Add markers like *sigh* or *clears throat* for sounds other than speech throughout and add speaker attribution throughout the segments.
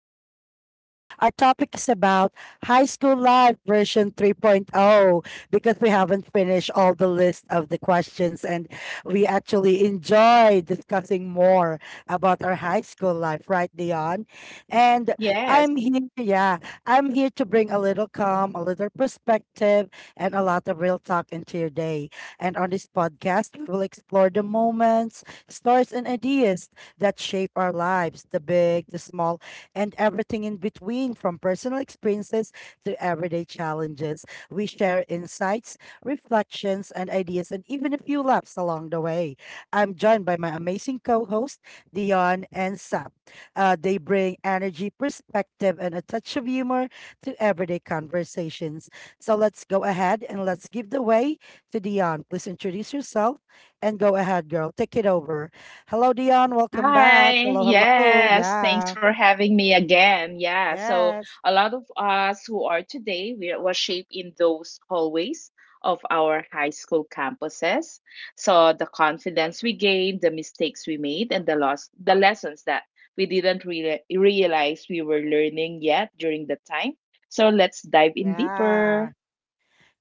Speaker 1: with Lisa. Our topic is about high school life version 3.0 because we haven't finished all the list of the questions and we actually enjoy discussing more about our high school life, right, Dion? And I'm here,
Speaker 2: Yes.
Speaker 1: yeah, I'm here to bring a little calm, a little perspective, and a lot of real talk into your day. And on this podcast, we will explore the moments, stories, and ideas that shape our lives, the big, the small, and everything in between, from personal experiences to everyday challenges. We share insights, reflections, and ideas, and even a few laughs along the way. I'm joined by my amazing co host, Dion and Sap. They bring energy, perspective, and a touch of humor to everyday conversations. So let's go ahead and let's give the way to Dion. Please introduce yourself and go ahead, girl. Take it over. Hello, Dion. Welcome back.
Speaker 2: Hi.
Speaker 1: Hello, hello.
Speaker 2: Yes.
Speaker 1: Yeah.
Speaker 2: Thanks for having me again. Yeah. So
Speaker 1: Yes.
Speaker 2: a lot of us who are today, we were shaped in those hallways of our high school campuses. So the confidence we gained, the mistakes we made, and the loss, the lessons that we didn't really realize we were learning yet during the time. So let's dive in
Speaker 1: Yeah.
Speaker 2: deeper.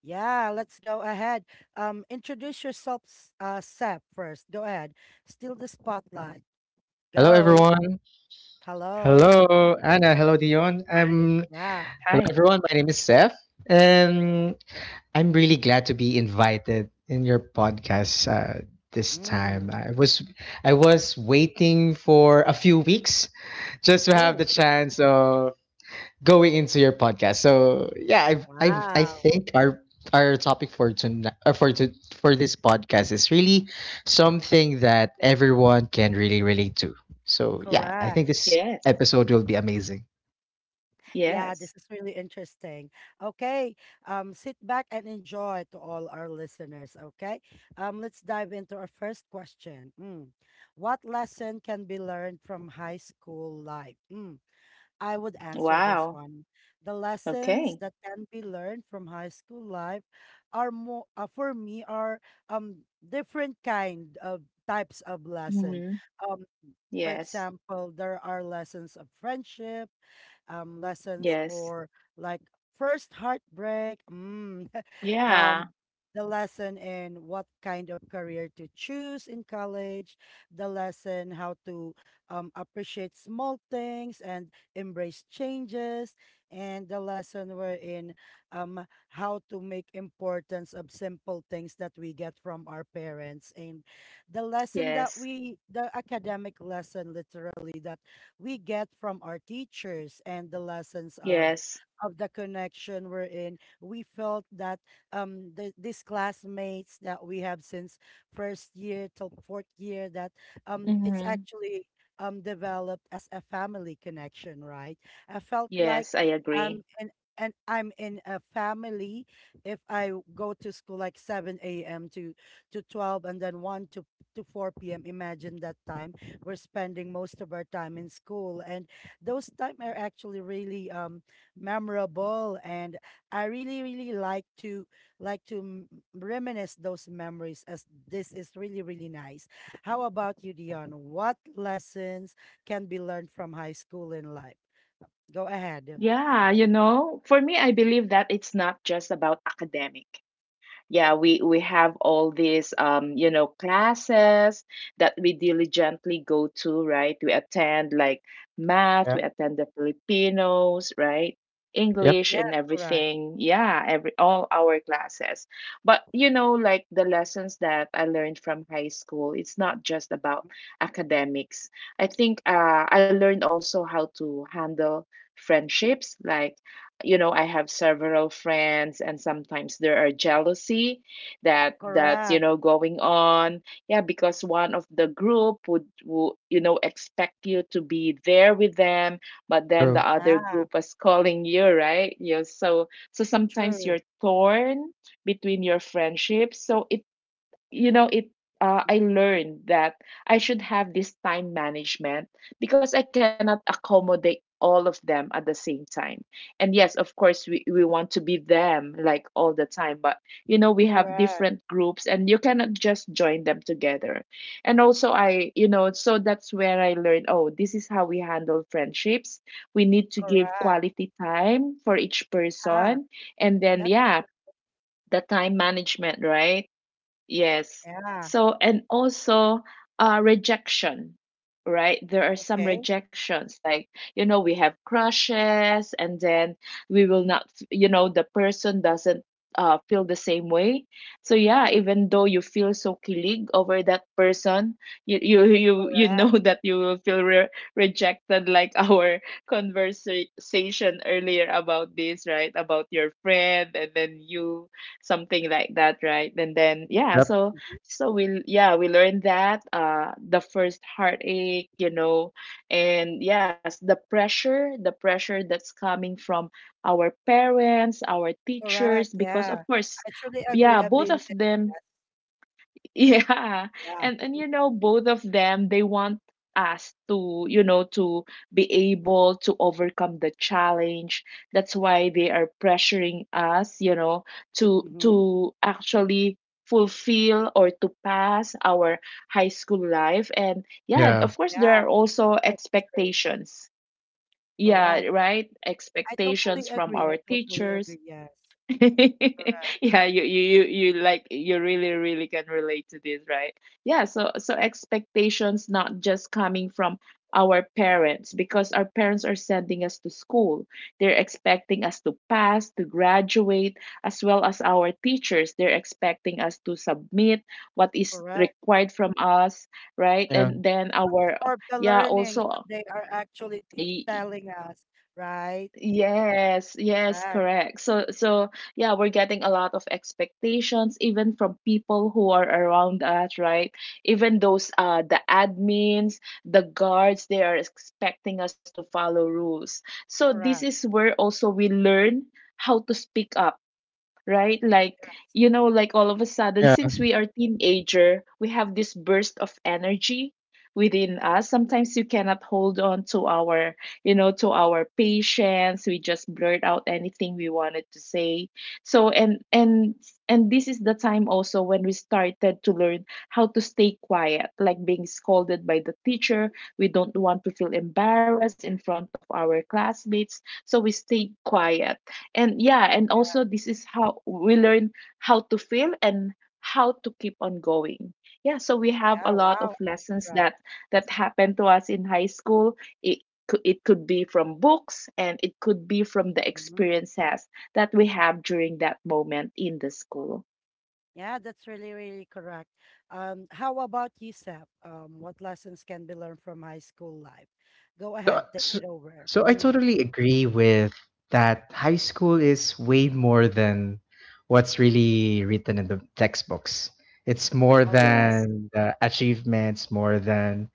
Speaker 1: Yeah. Let's go ahead. Introduce yourself, Sep, first. Go ahead. Steal the spotlight.
Speaker 3: Hello,
Speaker 1: Go.
Speaker 3: everyone.
Speaker 1: Hello.
Speaker 3: Hello, Anna. Hello, Dion.
Speaker 2: Hi.
Speaker 1: Yeah.
Speaker 3: Hello,
Speaker 2: Hi.
Speaker 3: everyone. My name is Seth, and I'm really glad to be invited in your podcast this time.
Speaker 1: Mm.
Speaker 3: I was waiting for a few weeks just to have the
Speaker 1: Oh,
Speaker 3: chance of going into your podcast. So yeah, I
Speaker 1: wow.
Speaker 3: think our topic for tonight for this podcast is really something that everyone can really relate to. So yeah, I
Speaker 1: Correct.
Speaker 3: think this
Speaker 2: Yes.
Speaker 3: episode will be amazing.
Speaker 1: Yeah,
Speaker 2: Yes.
Speaker 1: this is really interesting. Okay, sit back and enjoy to all our listeners. Okay, let's dive into our first question. Mm. What lesson can be learned from high school life? Mm. I would answer this
Speaker 2: Wow.
Speaker 1: one. The
Speaker 2: Okay.
Speaker 1: lessons that can be learned from high school life are more for me are different kind of types of lesson.
Speaker 2: Mm-hmm.
Speaker 1: Um, for
Speaker 2: Yes.
Speaker 1: example, there are lessons of friendship, lessons
Speaker 2: Yes.
Speaker 1: for like first heartbreak, mm, *laughs*
Speaker 2: Yeah.
Speaker 1: um, the lesson in what kind of career to choose in college, the lesson how to appreciate small things and embrace changes, and the lesson wherein um, how to make importance of simple things that we get from our parents and the lesson that
Speaker 2: Yes.
Speaker 1: we the academic lesson literally that we get from our teachers and the lessons of
Speaker 2: Yes.
Speaker 1: the connection we felt that these classmates that we have since first year till fourth year that it's
Speaker 2: Hmm.
Speaker 1: actually developed as a family connection, right? I felt
Speaker 2: Yes, I
Speaker 1: like
Speaker 2: agree.
Speaker 1: i'm in I'm in a family. If I go to school like 7 a.m. to 12 and then 1 to 4 p.m. Imagine that time. We're spending most of our time in school. And those time are actually really memorable. And I really, really like to like to m- reminisce those memories as this is really, really nice. How about you, Dion? What lessons can be learned from high school in life? Go ahead.
Speaker 2: Yeah, for me, I believe that it's not just about academic. Yeah, we have all these classes that we diligently go to, right? We attend like math,
Speaker 3: Yeah.
Speaker 2: we attend the filipinos, right?
Speaker 3: Yep.
Speaker 2: English
Speaker 1: Yes,
Speaker 2: and
Speaker 1: correct.
Speaker 2: everything. Yeah, every all our classes. But like the lessons that I learned from high school, it's not just about academics. I think, I learned also how to handle friendships, like, I have several friends, and sometimes there are jealousy that's
Speaker 1: Correct.
Speaker 2: going on. Yeah, because one of the group would expect you to be there with them, but then the
Speaker 3: True.
Speaker 2: other group
Speaker 1: Yeah,
Speaker 2: was calling you, right? Yeah. So sometimes you're
Speaker 1: true.
Speaker 2: torn between your friendships. So it you know it I learned that I should have this time management, because I cannot accommodate all of them at the same time. And yes, of course we want to be them like all the time, but we have
Speaker 1: Correct.
Speaker 2: different groups, and you cannot just join them together. And also I, so that's where I learned, oh, this is how we handle friendships. We need to give
Speaker 1: Correct.
Speaker 2: quality time for each
Speaker 1: Ah,
Speaker 2: person. And then,
Speaker 1: that's
Speaker 2: yeah, the time management, right? Yes.
Speaker 1: yeah.
Speaker 2: So, and also rejection, right? There are some
Speaker 1: Okay.
Speaker 2: rejections, like, we have crushes, and then we will not, the person doesn't feel the same way. So, yeah, even though you feel so kilig over that person, you know
Speaker 1: Correct.
Speaker 2: *laughs* that you will feel re rejected, like, *laughs* our conversation earlier about this, right? About your friend, and then you something like that, right? And then, yeah.
Speaker 3: Yep.
Speaker 2: So we yeah we learned that, the first heartache, and yes, the pressure that's coming from our parents, our teachers,
Speaker 1: Correct,
Speaker 2: because of
Speaker 1: yeah.
Speaker 2: course,
Speaker 1: I truly
Speaker 2: yeah,
Speaker 1: agree. I've
Speaker 2: both of
Speaker 1: been there.
Speaker 2: them. *laughs* Yeah.
Speaker 1: Yes,
Speaker 2: And both of them, they want us to, be able to overcome the challenge. That's why they are pressuring us, to
Speaker 1: yeah. Mm-hmm.
Speaker 2: to actually fulfill or to pass our high school life. And yeah, of
Speaker 3: Yeah.
Speaker 2: course there are
Speaker 1: Yeah,
Speaker 2: also
Speaker 1: that's true.
Speaker 2: expectations. Yeah,
Speaker 1: Correct.
Speaker 2: right?
Speaker 1: I
Speaker 2: Expectations
Speaker 1: totally
Speaker 2: from
Speaker 1: agree.
Speaker 2: our
Speaker 1: I totally
Speaker 2: teachers.
Speaker 1: agree. Yes.
Speaker 2: *laughs*
Speaker 1: Correct.
Speaker 2: Yeah, you like you really really can relate to this, right? Yeah. So expectations not just coming from our parents, because our parents are sending us to school. They're expecting us to pass, to graduate, as well as our teachers, they're expecting us to submit what is
Speaker 1: Correct.
Speaker 2: required from us, right? And then our,
Speaker 1: Or the
Speaker 2: yeah,
Speaker 1: learnings
Speaker 2: also.
Speaker 1: that they are actually telling us, right?
Speaker 2: Yes, yes,
Speaker 1: Correct.
Speaker 2: correct. So, yeah, we're getting a lot of expectations, even from people who are around us, right? Even
Speaker 1: Mhm.
Speaker 2: those, the admins, the guards, they are expecting us to follow rules. So this is
Speaker 1: Correct.
Speaker 2: where also we learn how to speak up, right? Like, like, all of a sudden,
Speaker 3: Yeah.
Speaker 2: since we are teenager, we have this burst of energy within us. Sometimes you cannot hold on to our, patience. We just blurt out anything we wanted to say. So and this is the time also when we started to learn how to stay quiet, like being scolded by the teacher. We don't want to feel embarrassed in front of our classmates, so we stay quiet. And yeah, and also this is how we learn how to fail and how to keep on going. Yeah, so we have a
Speaker 1: Yeah,
Speaker 2: lot of
Speaker 1: wow.
Speaker 2: lessons
Speaker 1: Correct.
Speaker 2: that happened to us in high school. It could, be from books, and it could be from the
Speaker 1: Hmm.
Speaker 2: experiences that we have during that moment in the school.
Speaker 1: Yeah, that's really, really correct. How about you, Seth? What lessons can be learned from high school life? Go
Speaker 3: So,
Speaker 1: ahead, take
Speaker 3: so,
Speaker 1: it over.
Speaker 3: so I
Speaker 1: Mm.
Speaker 3: totally agree with that. High school is way more than what's really written in the textbooks. It's more
Speaker 1: All right.
Speaker 2: Yes.
Speaker 3: than the achievements, more than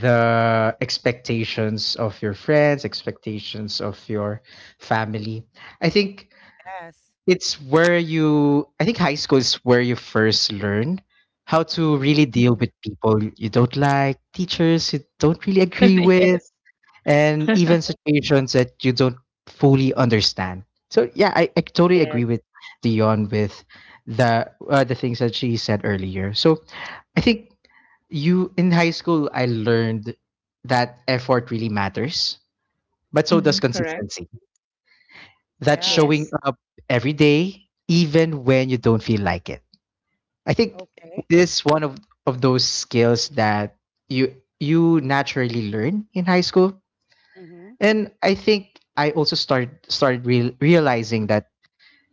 Speaker 3: the expectations of your friends, expectations of your family. I think
Speaker 1: Yes.
Speaker 3: I think high school is where you first learn how to
Speaker 1: Mm-hmm.
Speaker 3: really deal
Speaker 2: Mhm.
Speaker 3: with people you don't like, teachers you don't really agree
Speaker 2: *laughs*
Speaker 3: with,
Speaker 2: Yes.
Speaker 3: and
Speaker 2: *laughs*
Speaker 3: even
Speaker 1: Okay.
Speaker 3: situations that you don't fully understand. So yeah, I totally
Speaker 2: Yes.
Speaker 3: agree with Dion with the things that she said earlier. So I think you in high school I learned that effort really matters, but so
Speaker 2: Hmm,
Speaker 3: does
Speaker 2: correct.
Speaker 3: consistency. That
Speaker 1: Yeah.
Speaker 3: showing
Speaker 2: Yes,
Speaker 3: up every day, even when you don't feel like it. I think
Speaker 1: Okay.
Speaker 3: this one of those skills that you naturally learn in high school.
Speaker 1: Mm-hmm.
Speaker 3: And I think I also realizing that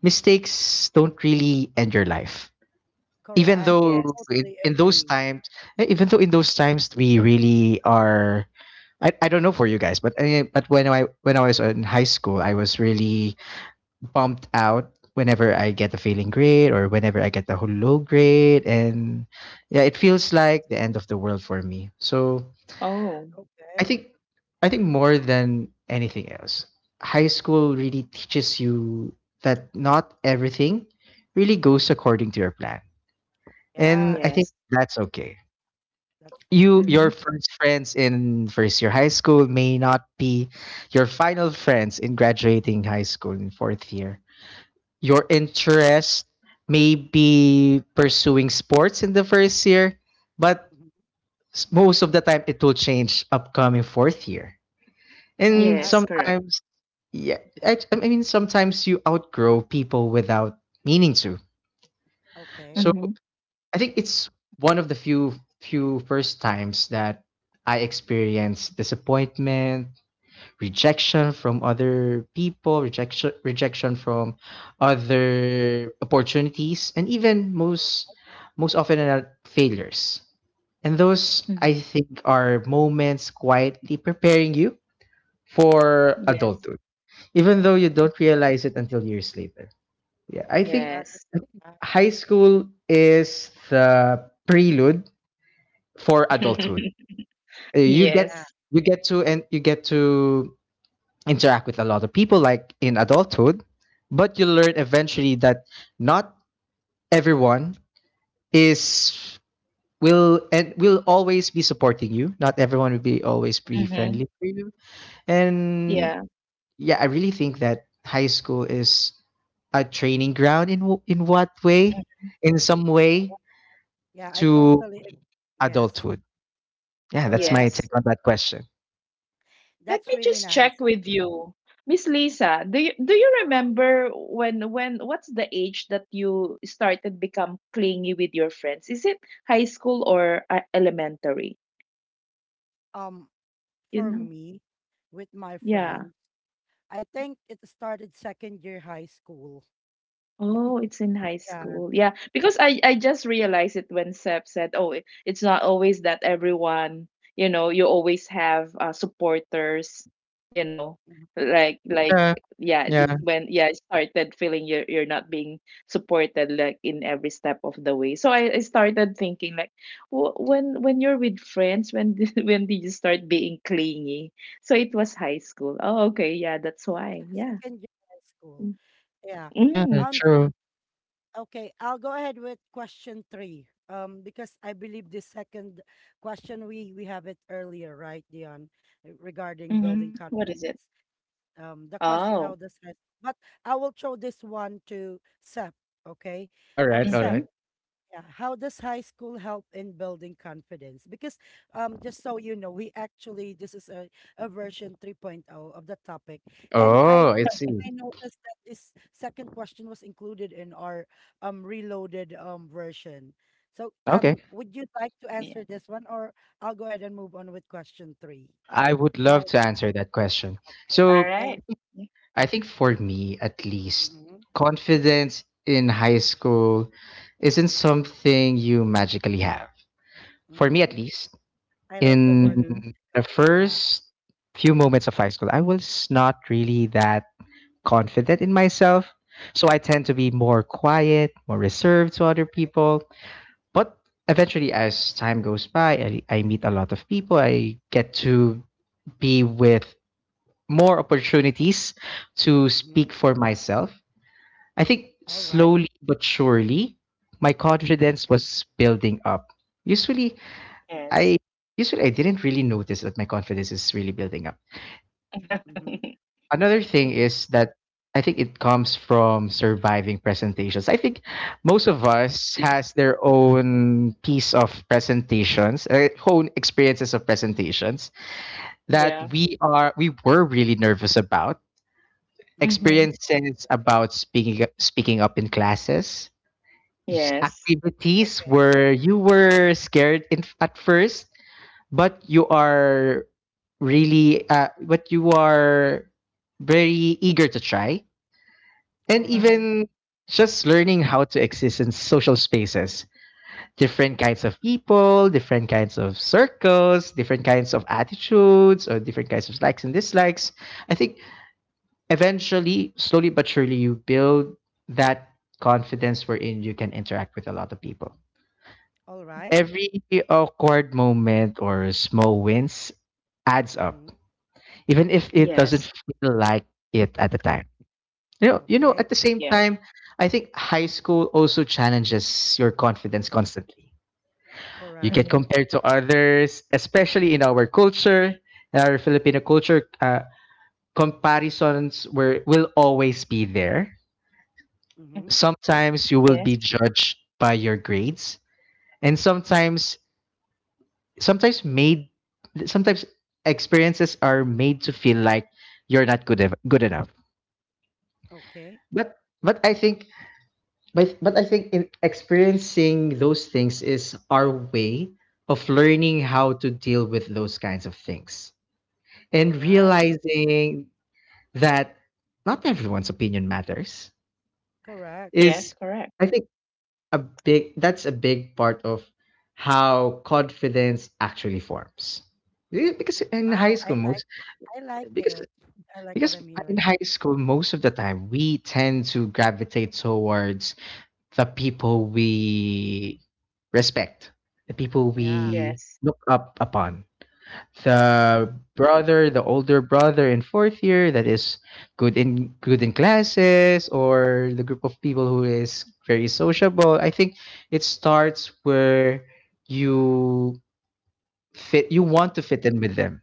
Speaker 3: mistakes don't really end your life. Even
Speaker 1: Correct. I
Speaker 3: though
Speaker 2: yes.
Speaker 3: in,
Speaker 1: totally
Speaker 3: in those
Speaker 1: agree.
Speaker 3: times, even though in those times we really are, I don't know for you guys, but but when I was in high school, I was really bumped out whenever I get a failing grade or whenever I get a low grade, and yeah, it feels like the end of the world for me. So
Speaker 2: Oh,
Speaker 3: I
Speaker 1: Okay.
Speaker 3: think I think more than anything else, high school really teaches you that not everything really goes according to your plan. And
Speaker 1: Yeah.
Speaker 3: I
Speaker 1: I,
Speaker 3: think
Speaker 2: yes.
Speaker 3: that's
Speaker 1: I agree.
Speaker 3: okay.
Speaker 1: That's
Speaker 3: You
Speaker 1: true.
Speaker 2: Hmm.
Speaker 3: your first friends in first year high school may not be your final friends in graduating high school in fourth year. Your interest may be pursuing sports in the first year, but
Speaker 1: Mhm.
Speaker 3: most of the time it will change upcoming fourth year.
Speaker 1: All
Speaker 3: And
Speaker 2: Yes,
Speaker 1: right.
Speaker 2: correct.
Speaker 3: sometimes yeah, I mean, sometimes you outgrow people without meaning to.
Speaker 1: Okay.
Speaker 3: So
Speaker 2: Hmm.
Speaker 3: I think it's one of the few first times that I experienced disappointment, rejection from other people, rejection from other opportunities, and even most often failures. And those I
Speaker 2: Hmm.
Speaker 3: think are moments quietly preparing you for
Speaker 2: Yes.
Speaker 3: adulthood, even though you don't realize it until years later. Yeah,
Speaker 1: Yeah. That's,
Speaker 2: Yes.
Speaker 3: I think
Speaker 1: uh,
Speaker 3: high school is the prelude for adulthood.
Speaker 2: *laughs*
Speaker 3: Uh, You get
Speaker 1: yeah.
Speaker 2: Yes.
Speaker 3: you get to and you get to interact with a lot of people like in adulthood, but you learn eventually that not everyone is will and will always be supporting you. Not everyone will be always be
Speaker 2: Mm-hmm.
Speaker 3: friendly for you.
Speaker 2: Yeah.
Speaker 3: And yeah, I really think that high school is a training ground in what way? In some
Speaker 1: uh,
Speaker 3: way
Speaker 1: what- Yeah. I
Speaker 3: to
Speaker 1: totally agree. Yes.
Speaker 3: adulthood? Yeah, that's my
Speaker 1: Correct.
Speaker 2: Yes.
Speaker 3: take on that question.
Speaker 2: Let
Speaker 1: That's
Speaker 2: me
Speaker 1: really
Speaker 2: just check
Speaker 1: nice.
Speaker 2: with you. Miss Lisa, do you remember when what's the age that you started become clingy with your friends? Is it high school or elementary?
Speaker 1: Um,
Speaker 2: You
Speaker 1: for
Speaker 2: know?
Speaker 1: me, with my
Speaker 2: Yeah.
Speaker 1: friends, I think it started second year high school.
Speaker 2: Oh, it's in high
Speaker 1: Yeah.
Speaker 2: school. Yeah, because I just realized it when Seb said, "Oh, it's not always that everyone, you always have supporters,
Speaker 1: Mhm.
Speaker 2: like,
Speaker 3: Yeah,
Speaker 2: yeah, this
Speaker 3: yeah,
Speaker 2: when, yeah, I started feeling you're not being supported like in every step of the way. So I started thinking like, w when you're with friends, when did, *laughs* when did you start being clingy? So it was high school. Oh, okay, yeah, that's why. Yeah.
Speaker 1: Second year high school. Yeah.
Speaker 2: Mm-hmm.
Speaker 1: Um,
Speaker 3: true.
Speaker 1: okay, I'll go ahead with question three. Because I believe the second question we have it earlier, right, Dion, regarding
Speaker 2: Mm-hmm.
Speaker 1: building
Speaker 2: What is
Speaker 1: confidence.
Speaker 2: it?
Speaker 1: The
Speaker 2: Oh.
Speaker 1: question how does stress. But I will throw this one to Sep. Okay,
Speaker 3: All right, all
Speaker 1: Sep.
Speaker 3: right.
Speaker 2: Mhm.
Speaker 1: Yeah, how does high school help in building confidence? Because just so you know, we actually this is a version 3.0 of the topic, and I
Speaker 3: Oh, I see.
Speaker 1: I noticed that this second question was included in our reloaded version. So
Speaker 3: Okay.
Speaker 1: would you like to
Speaker 2: Yeah.
Speaker 1: answer this one, or I'll go ahead and move on with question three?
Speaker 3: I would love
Speaker 1: How?
Speaker 3: to answer that question.
Speaker 1: Okay,
Speaker 2: All
Speaker 3: So,
Speaker 2: right.
Speaker 1: thank.
Speaker 2: Y
Speaker 3: I think for me, at least,
Speaker 1: Mm-hmm.
Speaker 3: confidence in high school isn't something you magically have. For me,
Speaker 1: Mm-hmm.
Speaker 3: at least,
Speaker 1: I like the
Speaker 3: in
Speaker 1: word
Speaker 2: Mhm.
Speaker 3: the
Speaker 1: practically. Yeah.
Speaker 3: first few moments of high school, I was not really that confident in myself. So I tend to be more quiet, more reserved to other people. But eventually, as time goes by, I meet a lot of people. I get to be with more opportunities to
Speaker 1: Mm-hmm.
Speaker 3: speak for myself. I think
Speaker 1: All right.
Speaker 3: slowly but surely, my confidence was building up. Usually,
Speaker 2: Yes.
Speaker 3: I usually I didn't really notice that my confidence is really building up.
Speaker 1: Mm-hmm.
Speaker 2: *laughs*
Speaker 3: Another thing
Speaker 1: *laughs*
Speaker 3: is that I think it comes from surviving presentations. I think most of us has their own piece of presentations, own experiences of presentations that
Speaker 2: Yeah.
Speaker 3: we were really nervous about.
Speaker 1: Mm-hmm.
Speaker 2: Mhm.
Speaker 3: Experiences about speaking up in classes,
Speaker 2: Yes.
Speaker 3: activities
Speaker 1: Okay.
Speaker 3: where you were scared in, at first, but you are really but you are very eager to try,
Speaker 1: All
Speaker 3: and
Speaker 2: Mhm.
Speaker 1: right.
Speaker 3: even just learning how to exist in social spaces, different kinds of people, different kinds of circles, different kinds of attitudes, or different kinds of likes and dislikes. I think eventually slowly but surely you build that confidence wherein you can interact with a lot of people.
Speaker 1: All
Speaker 2: Mhm.
Speaker 1: right.
Speaker 3: Every awkward moment or small wins adds
Speaker 1: Mm-hmm.
Speaker 3: up even if it
Speaker 2: Yes.
Speaker 3: doesn't feel like it at the time. At
Speaker 1: Okay.
Speaker 3: the same
Speaker 2: Yeah.
Speaker 3: time, I think high school also challenges your confidence constantly. You
Speaker 1: Correct.
Speaker 3: get
Speaker 2: Mhm.
Speaker 3: compared to others, especially in our culture, in our Filipino culture, comparisons were, will always be there.
Speaker 2: Mhm.
Speaker 1: Mm-hmm.
Speaker 3: Sometimes you will
Speaker 2: Yes.
Speaker 3: be judged by your grades, and sometimes made, sometimes experiences are made to feel like you're not good, good enough.
Speaker 1: Okay.
Speaker 3: But, but I think but I think in experiencing those things is our way of learning how to deal with those kinds of things and
Speaker 1: All right.
Speaker 3: realizing that not everyone's opinion matters
Speaker 1: Correct.
Speaker 2: Yes,
Speaker 3: is
Speaker 2: correct.
Speaker 3: I think a big that's a big part of how confidence actually forms. Yeah,
Speaker 1: Wow. I like
Speaker 3: because
Speaker 1: it. I like what
Speaker 3: because
Speaker 1: I'm
Speaker 3: in
Speaker 1: hearing.
Speaker 3: high school most of the time we tend to gravitate towards the people we respect, the people
Speaker 1: Yeah.
Speaker 3: we
Speaker 2: Yes.
Speaker 3: look up upon.
Speaker 1: Mm-hmm.
Speaker 3: The brother, the older brother in fourth year that is good in classes, or the group of people who is very sociable. I think it starts where you fit you
Speaker 1: Mm-hmm.
Speaker 3: want to fit in with them.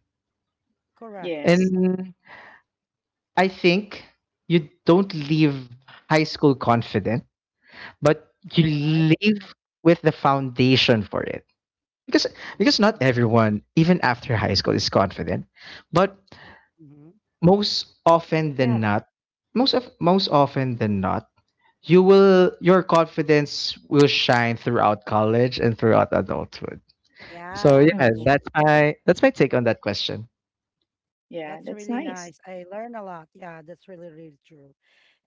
Speaker 1: Correct.
Speaker 2: Yes.
Speaker 3: And I think you don't leave high school confident, but you
Speaker 1: All right.
Speaker 3: leave with the foundation for it. because because not
Speaker 1: Mm-hmm.
Speaker 3: everyone even after high school is confident, but
Speaker 1: Mm-hmm.
Speaker 3: most often
Speaker 2: Yeah.
Speaker 3: than not, most often than not, your confidence will shine throughout college and throughout adulthood. So
Speaker 1: Yeah,
Speaker 3: yeah,
Speaker 2: Mhm.
Speaker 3: that's my take on that question.
Speaker 2: Yeah,
Speaker 1: that's
Speaker 2: that's
Speaker 1: really
Speaker 2: nice.
Speaker 1: nice. I learn a lot. Yeah, that's really, really true.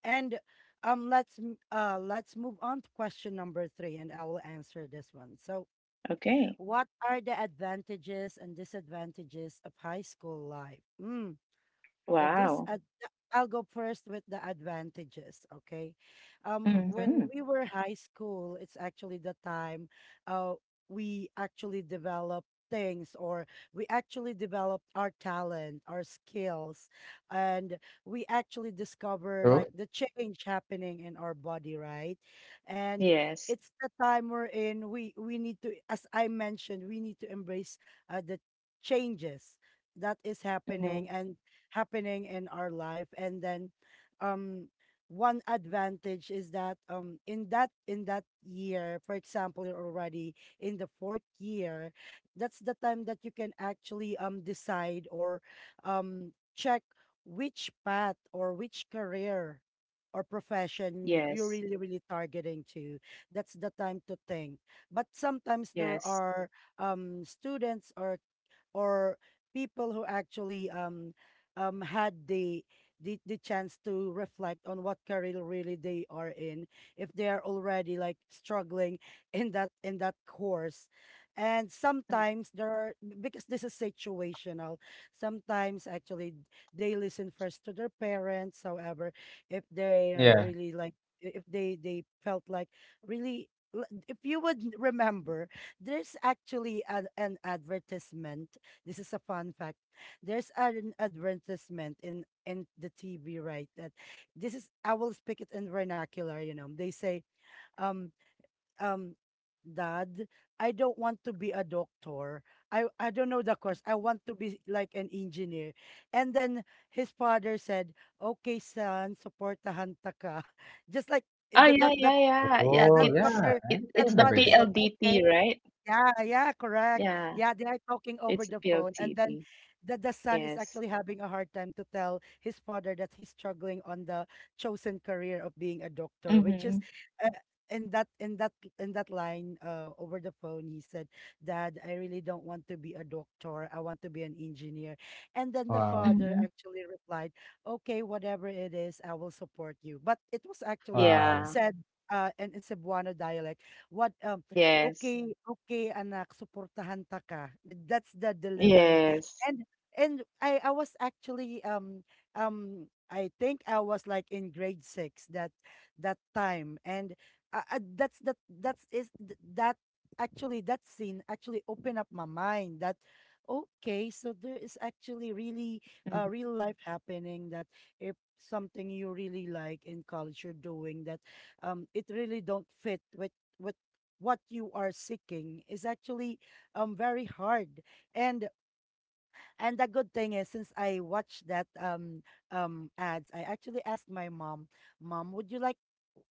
Speaker 1: And let's let's move on to question number three, and I will answer this one. So,
Speaker 2: Okay.
Speaker 1: what are the advantages and disadvantages of high school life? Hmm. the
Speaker 2: Wow.
Speaker 1: this ad I'll go first with the advantages, okay?
Speaker 2: Mhm.
Speaker 1: When we were high school, it's actually the time uh we actually develop things or we actually develop our talent, our skills, and we actually discover
Speaker 3: True.
Speaker 1: like the change happening in our body, right? And
Speaker 2: Yes.
Speaker 1: it's the time we're in, we need to, as I mentioned, we need to embrace the changes that is happening
Speaker 2: Mhm.
Speaker 1: and happening in our life and then um one advantage is that in that year, for example, you're already in the fourth year. That's the time that you can actually decide or check which path or which career or profession you're
Speaker 2: Yes.
Speaker 1: really, really targeting to. That's the time to think. But sometimes there
Speaker 2: Yes.
Speaker 1: are students or or people who actually had the chance to reflect on what career really they are in if they are already like struggling *laughs* in that course. And
Speaker 2: Mm.
Speaker 1: sometimes there are, because this is situational, sometimes actually they listen first to their parents. However, if they are
Speaker 3: Yeah.
Speaker 1: really like, if they they felt like really, if you would remember, there's actually an advertisement. This is a fun fact. There's an advertisement in the TV, right? That this is I will speak it in vernacular. You know, they say, um, um, Dad, I don't want to be a doctor. I don't know the course. I want to be like an engineer. And then his father said, "Okay, son, supportahan ta ka." *laughs* Just like
Speaker 2: Oh, yeah,
Speaker 1: that
Speaker 2: yeah, yeah, yeah.
Speaker 1: yeah,
Speaker 3: Oh, yeah.
Speaker 2: It's it
Speaker 3: I
Speaker 1: that
Speaker 2: it's the
Speaker 3: remember.
Speaker 1: father said, "Okay."
Speaker 2: PLDT, right?
Speaker 1: Yeah, yeah, correct.
Speaker 2: Yeah,
Speaker 1: Yeah, they are talking over
Speaker 2: it's a
Speaker 1: the
Speaker 2: P L
Speaker 1: phone, and
Speaker 2: D
Speaker 1: then
Speaker 2: T.
Speaker 1: the son is
Speaker 2: Yes.
Speaker 1: actually having a hard time to tell his father that he's struggling on the chosen career of being a doctor, which is
Speaker 2: Mhm,
Speaker 1: uh, in that line, over the phone, he said, "Dad, I really don't want to be a doctor. I want to be an engineer." And then the
Speaker 3: Wow,
Speaker 1: father
Speaker 2: mhm.
Speaker 1: actually replied, "Okay, whatever it is, I will support you." But it was actually
Speaker 3: wow,
Speaker 2: Yeah.
Speaker 1: said, in Cebuano dialect. What
Speaker 2: Yes.
Speaker 1: okay, okay, anak, suportahan ta ka." That's the delivery.
Speaker 2: Yes.
Speaker 1: And I was actually, I think I was, like, in grade 6 that that time, and, that's is th that actually, that scene actually opened up my mind that, okay, so
Speaker 2: Mhm,
Speaker 1: there is actually really, real life happening that if something you really like in college you're doing that, it really don't fit with what you are seeking is actually very hard. And the good thing is, since I watched that ads, I actually asked my mom, "Mom, would you like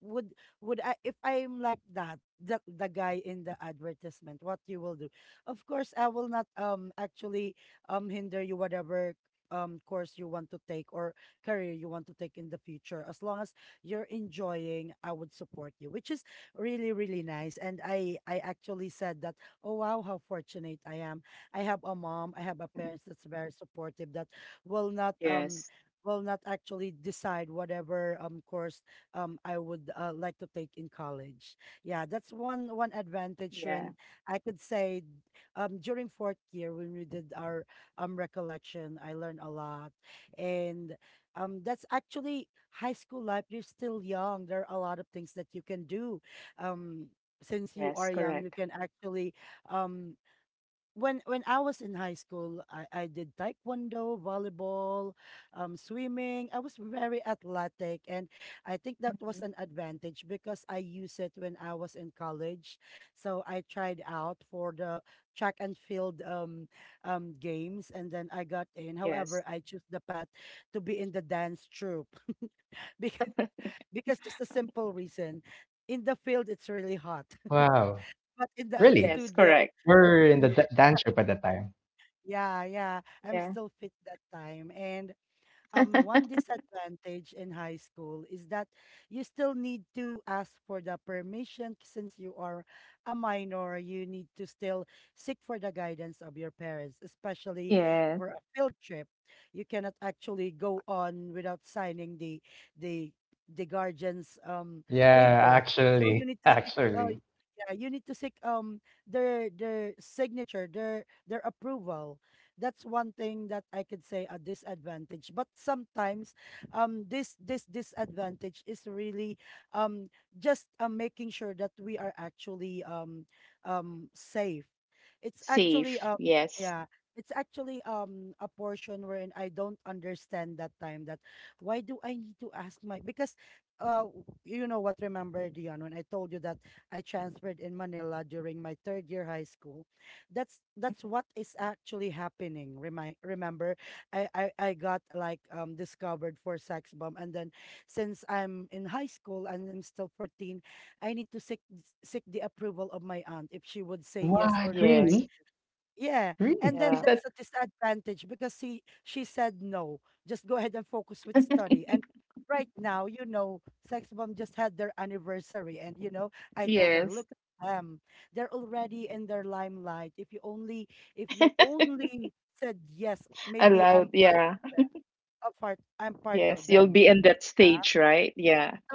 Speaker 1: would would I, if I'm like that, the guy in the advertisement, what you will do?" Of course, I will not actually hinder you whatever course you want to take or career you want to take in the future. As long as you're enjoying, I would support you, which is really, really nice. And I actually said that, "Oh wow, how fortunate I am." I have a mom, I have a
Speaker 2: mhm.
Speaker 1: parents that's very supportive that will not
Speaker 2: Yes.
Speaker 1: um will not actually decide whatever course I would like to take in college. Yeah, that's one
Speaker 2: Yeah.
Speaker 1: advantage when I could say during fourth year, when we did our recollection, I learned a lot. And that's actually high school life. You're still young. There are a lot of things that you can do. um
Speaker 2: Yes.
Speaker 1: since you are
Speaker 2: Correct.
Speaker 1: young, you can actually um when I was in high school, I did taekwondo, volleyball, swimming. I was very athletic, and I think that was
Speaker 2: Mhm.
Speaker 1: an advantage because I used it when I was in college. So I tried out for the track and field games, and then I got in.
Speaker 2: Yes.
Speaker 1: However, I chose the path to be in the dance troupe *laughs* because
Speaker 2: *laughs*
Speaker 1: because just a simple reason. In the field, it's really hot, *laughs*
Speaker 3: wow.
Speaker 1: but in the
Speaker 3: Really?
Speaker 2: Yes.
Speaker 1: studio,
Speaker 2: Correct.
Speaker 1: it's
Speaker 3: We're in the
Speaker 1: good.
Speaker 3: d dance troupe at that time.
Speaker 1: Yeah, yeah. I'm
Speaker 2: Yeah.
Speaker 1: still fit that time. And one disadvantage in high school is that you still need to ask for the permission since you are a minor, you need to still seek for the guidance of your parents, especially
Speaker 2: Yeah.
Speaker 1: for a field trip. You cannot actually go on without signing the the guardian's
Speaker 3: Yeah,
Speaker 1: paper. So you
Speaker 3: actually,
Speaker 1: need
Speaker 3: *laughs*
Speaker 1: to seek
Speaker 3: actually.
Speaker 1: yeah, you need to seek their signature, their approval. That's one thing that I could say a disadvantage. But sometimes, this disadvantage is really um just making sure that we are actually safe. It's actually
Speaker 2: Safe. Yes.
Speaker 1: yeah. It's actually a portion wherein I don't understand that time that why do I need to ask my because you know what, remember Dion when I told you that I transferred in Manila during my third year high school? that's
Speaker 2: Mhm.
Speaker 1: that's what is actually happening. Remind Remember, I got like discovered for Sex Bomb, and then since I'm in high school and I'm still 14, I need to seek the approval of my aunt if she would say yes or
Speaker 3: What?
Speaker 1: no, right?
Speaker 2: Yes.
Speaker 3: Really?
Speaker 1: Yeah, and
Speaker 3: Really?
Speaker 1: then
Speaker 3: Is
Speaker 2: Yeah.
Speaker 1: that's
Speaker 3: that
Speaker 1: a disadvantage because he she said no. Just go ahead and focus with study. And
Speaker 2: *laughs*
Speaker 1: right now, you know, Sex Bomb just had their anniversary, and you know, I told her, look,
Speaker 2: Yes.
Speaker 1: um, they're already in their limelight. If you
Speaker 2: *laughs*
Speaker 1: only said yes, maybe I'm
Speaker 2: Allowed.
Speaker 1: part of
Speaker 2: Yeah.
Speaker 1: them. A part, I'm part of
Speaker 2: Yes. You'll
Speaker 1: them.
Speaker 2: be in that stage, right? Yeah.
Speaker 1: So,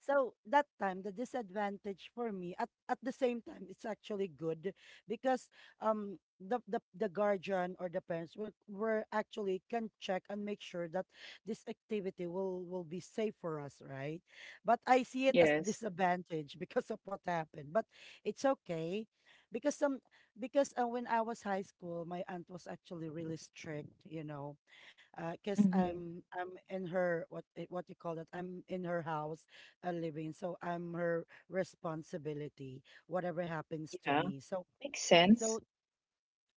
Speaker 1: so that time, the disadvantage for me at the same time, it's actually good because the guardian or the parents will were actually can check and make sure that this activity will be safe for us, right? But I see it as
Speaker 2: Yes.
Speaker 1: disadvantage because of what happened. But it's okay because some because when I was high school, my aunt was actually really strict, you know, because I'm
Speaker 2: Mhm.
Speaker 1: I'm in her what, eh, what you call it, I'm in her house, living, so I'm her responsibility whatever happens to
Speaker 2: Yeah.
Speaker 1: me. So
Speaker 2: Makes
Speaker 1: so
Speaker 2: sense.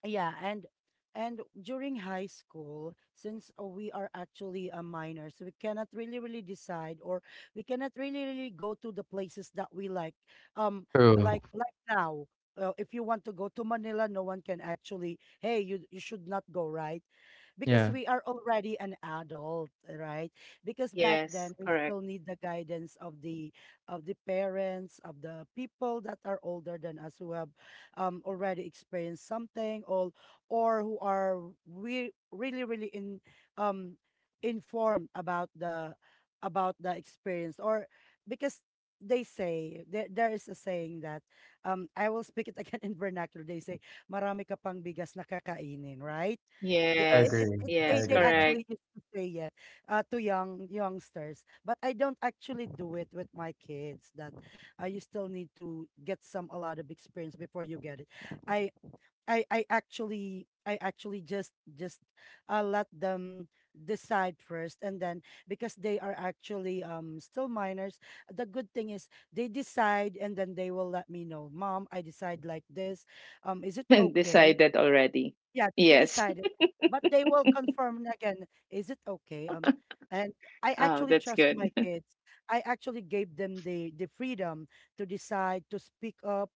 Speaker 1: yeah, and during high school, since we are actually a minors, we cannot really decide, or we cannot really go to the places that we like. Um,
Speaker 3: true?
Speaker 1: like now, if you want to go to Manila, no one can actually. Hey, you should not go, right? Because
Speaker 3: Yeah,
Speaker 1: we are already an adult, right? Because back
Speaker 2: Yes.
Speaker 1: then we
Speaker 2: Correct.
Speaker 1: still need the guidance of the parents, of the people that are older than us who have already experienced something, or who are really really in um, informed about the experience. Or because they say there, there is a saying that I will speak it *laughs* again in vernacular, they say marami ka pang bigas na kakainin, right. The-
Speaker 3: I
Speaker 1: it, it,
Speaker 2: Yes.
Speaker 3: agree.
Speaker 1: it,
Speaker 3: I
Speaker 1: they,
Speaker 2: Yes.
Speaker 1: they
Speaker 3: agree with that.
Speaker 2: Correct.
Speaker 1: actually used to say it to young youngsters, but I don't actually do it with my kids that you still need to get some a lot of experience before you get it. I I actually just let them decide first, and then because they are actually still minors, the good thing is they decide and then they will let me know, mom, I decide like this, is it
Speaker 2: *laughs*
Speaker 1: okay?
Speaker 2: Decided already.
Speaker 1: Yeah, they
Speaker 2: Yes.
Speaker 1: decided,
Speaker 2: *laughs*
Speaker 1: but they will confirm again. Is it okay? And I
Speaker 2: Oh,
Speaker 1: actually
Speaker 2: that's
Speaker 1: trust
Speaker 2: good.
Speaker 1: my kids. I actually gave them the freedom to decide, to speak up,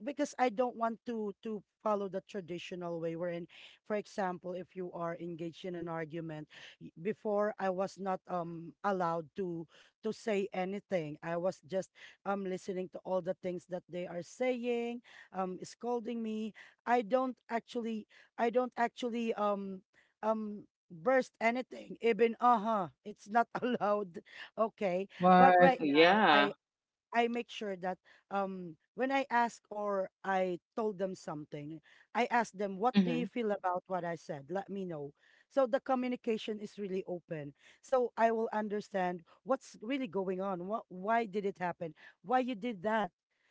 Speaker 1: because I don't want to follow the traditional way. Wherein, for example, if you are engaged in an argument, before I was not allowed to say anything. I was just listening to all the things that they are saying, scolding me. I don't actually I don't actually burst anything. Even uh-huh, it's not *laughs* allowed. Okay. But
Speaker 2: *laughs*
Speaker 1: right
Speaker 3: What?
Speaker 1: now,
Speaker 2: Yeah.
Speaker 1: I make sure that when I ask or I told them something, I ask them, what do
Speaker 2: Mm-hmm.
Speaker 1: you feel about what I said? Let me know. So the communication is really open. So I will understand what's really going on. What, why did it happen? Why you did that?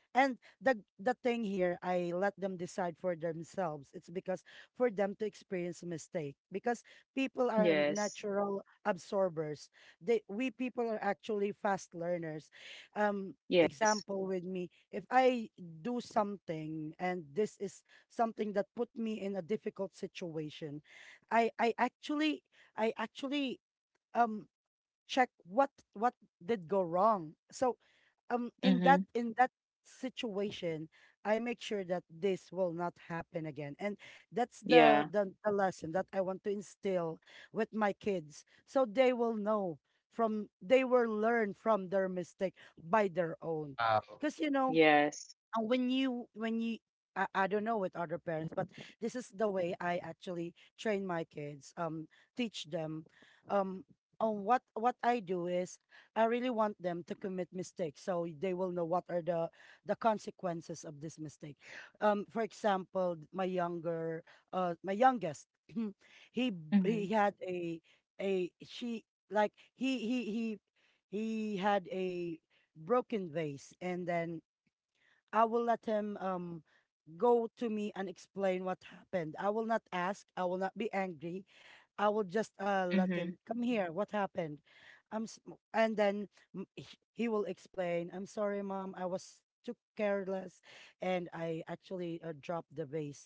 Speaker 1: And the thing here, I let them decide for themselves. It's because for them to experience mistake. Because people are
Speaker 2: Yes.
Speaker 1: natural absorbers. They we people are actually fast learners. Um,
Speaker 2: Yes.
Speaker 1: example with me, if I do something and this is something that put me in a difficult situation, I I actually I actually um check what did go wrong. So
Speaker 2: Mm-hmm.
Speaker 1: in that situation, I make sure that this will not happen again, and that's the,
Speaker 2: Yeah.
Speaker 1: the lesson that I want to instill with my kids so they will know from, they will learn from their mistake by their own.
Speaker 3: Wow.
Speaker 1: Because you know,
Speaker 2: Yes.
Speaker 1: and when you I don't know with other parents, but this is the way I actually train my kids, teach them. Um on what I do is I really want them to commit mistakes so they will know what are the consequences of this mistake. For example, my younger my youngest, *clears throat*
Speaker 2: Mm-hmm.
Speaker 1: he had a, she like he had a broken vase, and then I will let him go to me and explain what happened. I will not ask. I will not be angry. I will just let
Speaker 2: Mm-hmm.
Speaker 1: him come here. What happened? I'm s- m- and then m- h- he will explain. I'm sorry, mom. I was too careless, and I actually dropped the vase.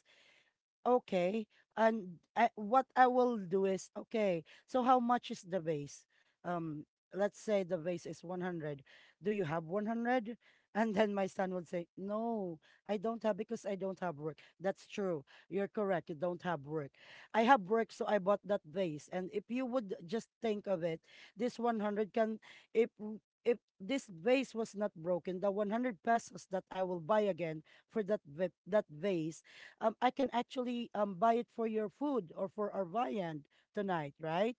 Speaker 1: Okay. And I, what I will do is okay. So how much is the base? Um, let's say the base is 100. Do you have 100? *laughs* And then my son would say, "No, I don't have because I don't have work." That's true. You're correct. You don't have work. I have work, so I bought that vase. And if you would just think of it, this 100 can, if this vase was not broken, the 100 pesos that I will buy again for that vase, I can actually buy it for your food or for our viand tonight, right?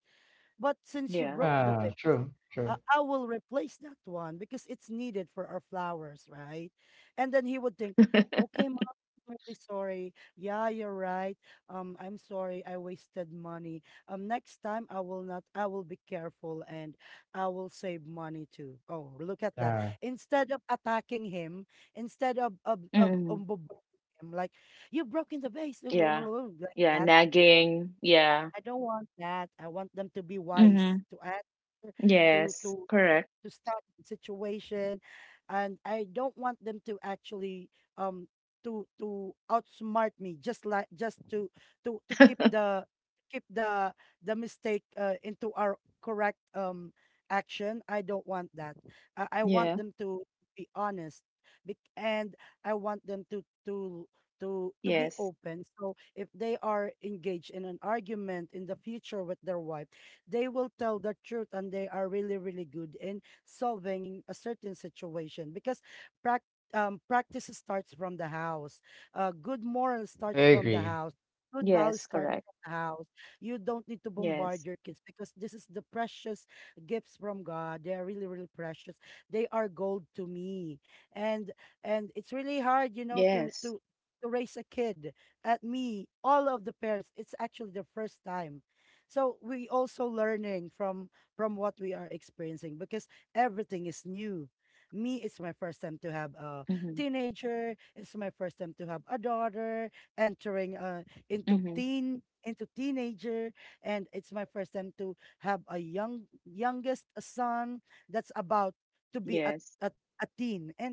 Speaker 1: But since you
Speaker 2: Yeah.
Speaker 1: broke
Speaker 3: Ah, true, true.
Speaker 1: I will replace that one because it's needed for our flowers, right? And then he would think,
Speaker 2: *laughs*
Speaker 1: okay, mom, I'm really sorry. Yeah, you're right. I'm sorry. I wasted money. Next time I will not, I will be careful and I will save money too. Oh, look at that.
Speaker 3: Yeah,
Speaker 1: Instead of attacking him, instead of,
Speaker 2: Mm-hmm.
Speaker 1: bombarding him, like, you've broken the vase, *laughs*
Speaker 2: Yeah.
Speaker 1: like
Speaker 2: Yeah.
Speaker 1: that.
Speaker 2: Nagging. Yeah.
Speaker 1: I don't want that. I want them to be wise
Speaker 2: Mm-hmm.
Speaker 1: to answer to
Speaker 2: Yes.
Speaker 1: to
Speaker 2: Correct.
Speaker 1: to start the situation, and I don't want them to actually um to outsmart me, just like just to keep the
Speaker 2: *laughs*
Speaker 1: keep the the mistake into our correct action. I don't want that.
Speaker 2: Yeah.
Speaker 1: I want them to be honest, and I
Speaker 2: Yes.
Speaker 1: want them to be open, so if they are engaged in an argument in the future with their wife, they will tell the truth, and they are really really good in solving a certain situation because prac practice starts from the house. Good moral
Speaker 2: Yes.
Speaker 3: I
Speaker 1: starts from
Speaker 2: Correct.
Speaker 1: the
Speaker 3: agree.
Speaker 1: house. Good values start from the house.
Speaker 2: Yes.
Speaker 1: You don't need to bombard your kids because this is the precious gifts from God. They are really, really precious. They are gold to me, and and it's
Speaker 2: Yes.
Speaker 1: really hard, you know, to raise a kid. At me All of the parents, it's actually the first time, so we also learning from what we are experiencing because everything is new. Me, it's my first time to have
Speaker 2: Mm-hmm.
Speaker 1: a teenager. It's my first time to have a daughter entering
Speaker 2: Mm-hmm.
Speaker 1: into teenager, and it's my first time to have a young youngest son that's about to be
Speaker 2: Yes.
Speaker 1: a, a teen. And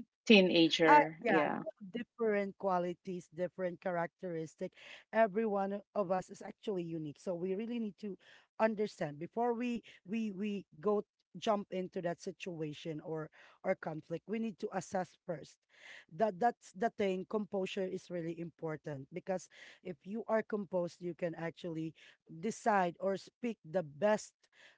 Speaker 2: Teenager.
Speaker 1: yeah,
Speaker 2: Yeah.
Speaker 1: different qualities, different characteristic. Every one of us is actually unique. So we really need to understand before we go, jump into that situation or conflict. We need to assess first. That's the thing. Composure is really important because if you are composed, you can actually decide or speak the best,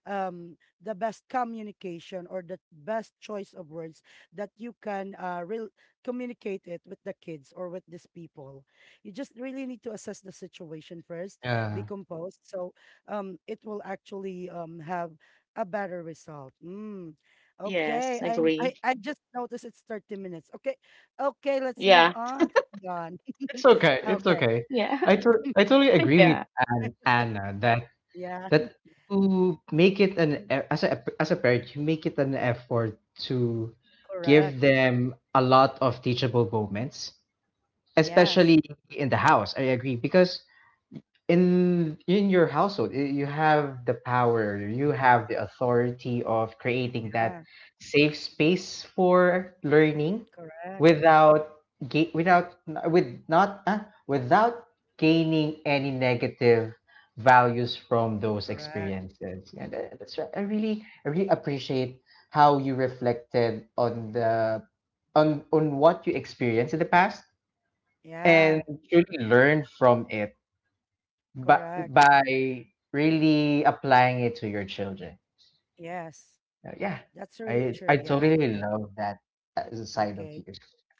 Speaker 1: the best communication or the best choice of words that you can re communicate it with the kids or with these people. You just really need to assess the situation first, be
Speaker 3: Yeah.
Speaker 1: composed. So it will actually have a better result. Mm. Okay,
Speaker 2: Yes. Agree.
Speaker 1: I just noticed it's 30 minutes. Okay, okay, let's move
Speaker 2: Yeah.
Speaker 1: on to Dion. *laughs*
Speaker 3: It's okay. It's
Speaker 1: Okay,
Speaker 3: okay.
Speaker 2: Yeah.
Speaker 3: I to I totally
Speaker 2: *laughs*
Speaker 3: agree
Speaker 2: Yeah.
Speaker 3: with An Anna that
Speaker 1: yeah,
Speaker 3: that you make it an
Speaker 1: *laughs*
Speaker 3: as a parent you make it an effort to
Speaker 1: correct.
Speaker 3: give them a lot of teachable moments,
Speaker 1: Yes,
Speaker 3: especially in the house. I agree because in your household, you have the power, you have the authority of creating that
Speaker 1: yeah,
Speaker 3: safe space for learning
Speaker 1: correct,
Speaker 3: without with not uh, without gaining any negative values from those
Speaker 1: correct.
Speaker 3: experiences. And that's right, I really appreciate how you reflected on the on what you experienced in the past, and
Speaker 1: Yeah,
Speaker 3: truly learn from it, but
Speaker 1: correct.
Speaker 3: by really applying it to your children.
Speaker 1: Yes,
Speaker 3: Yeah,
Speaker 1: that's really
Speaker 3: I
Speaker 1: true. Yeah,
Speaker 3: totally
Speaker 1: I, I-
Speaker 3: love that side of you,
Speaker 1: okay.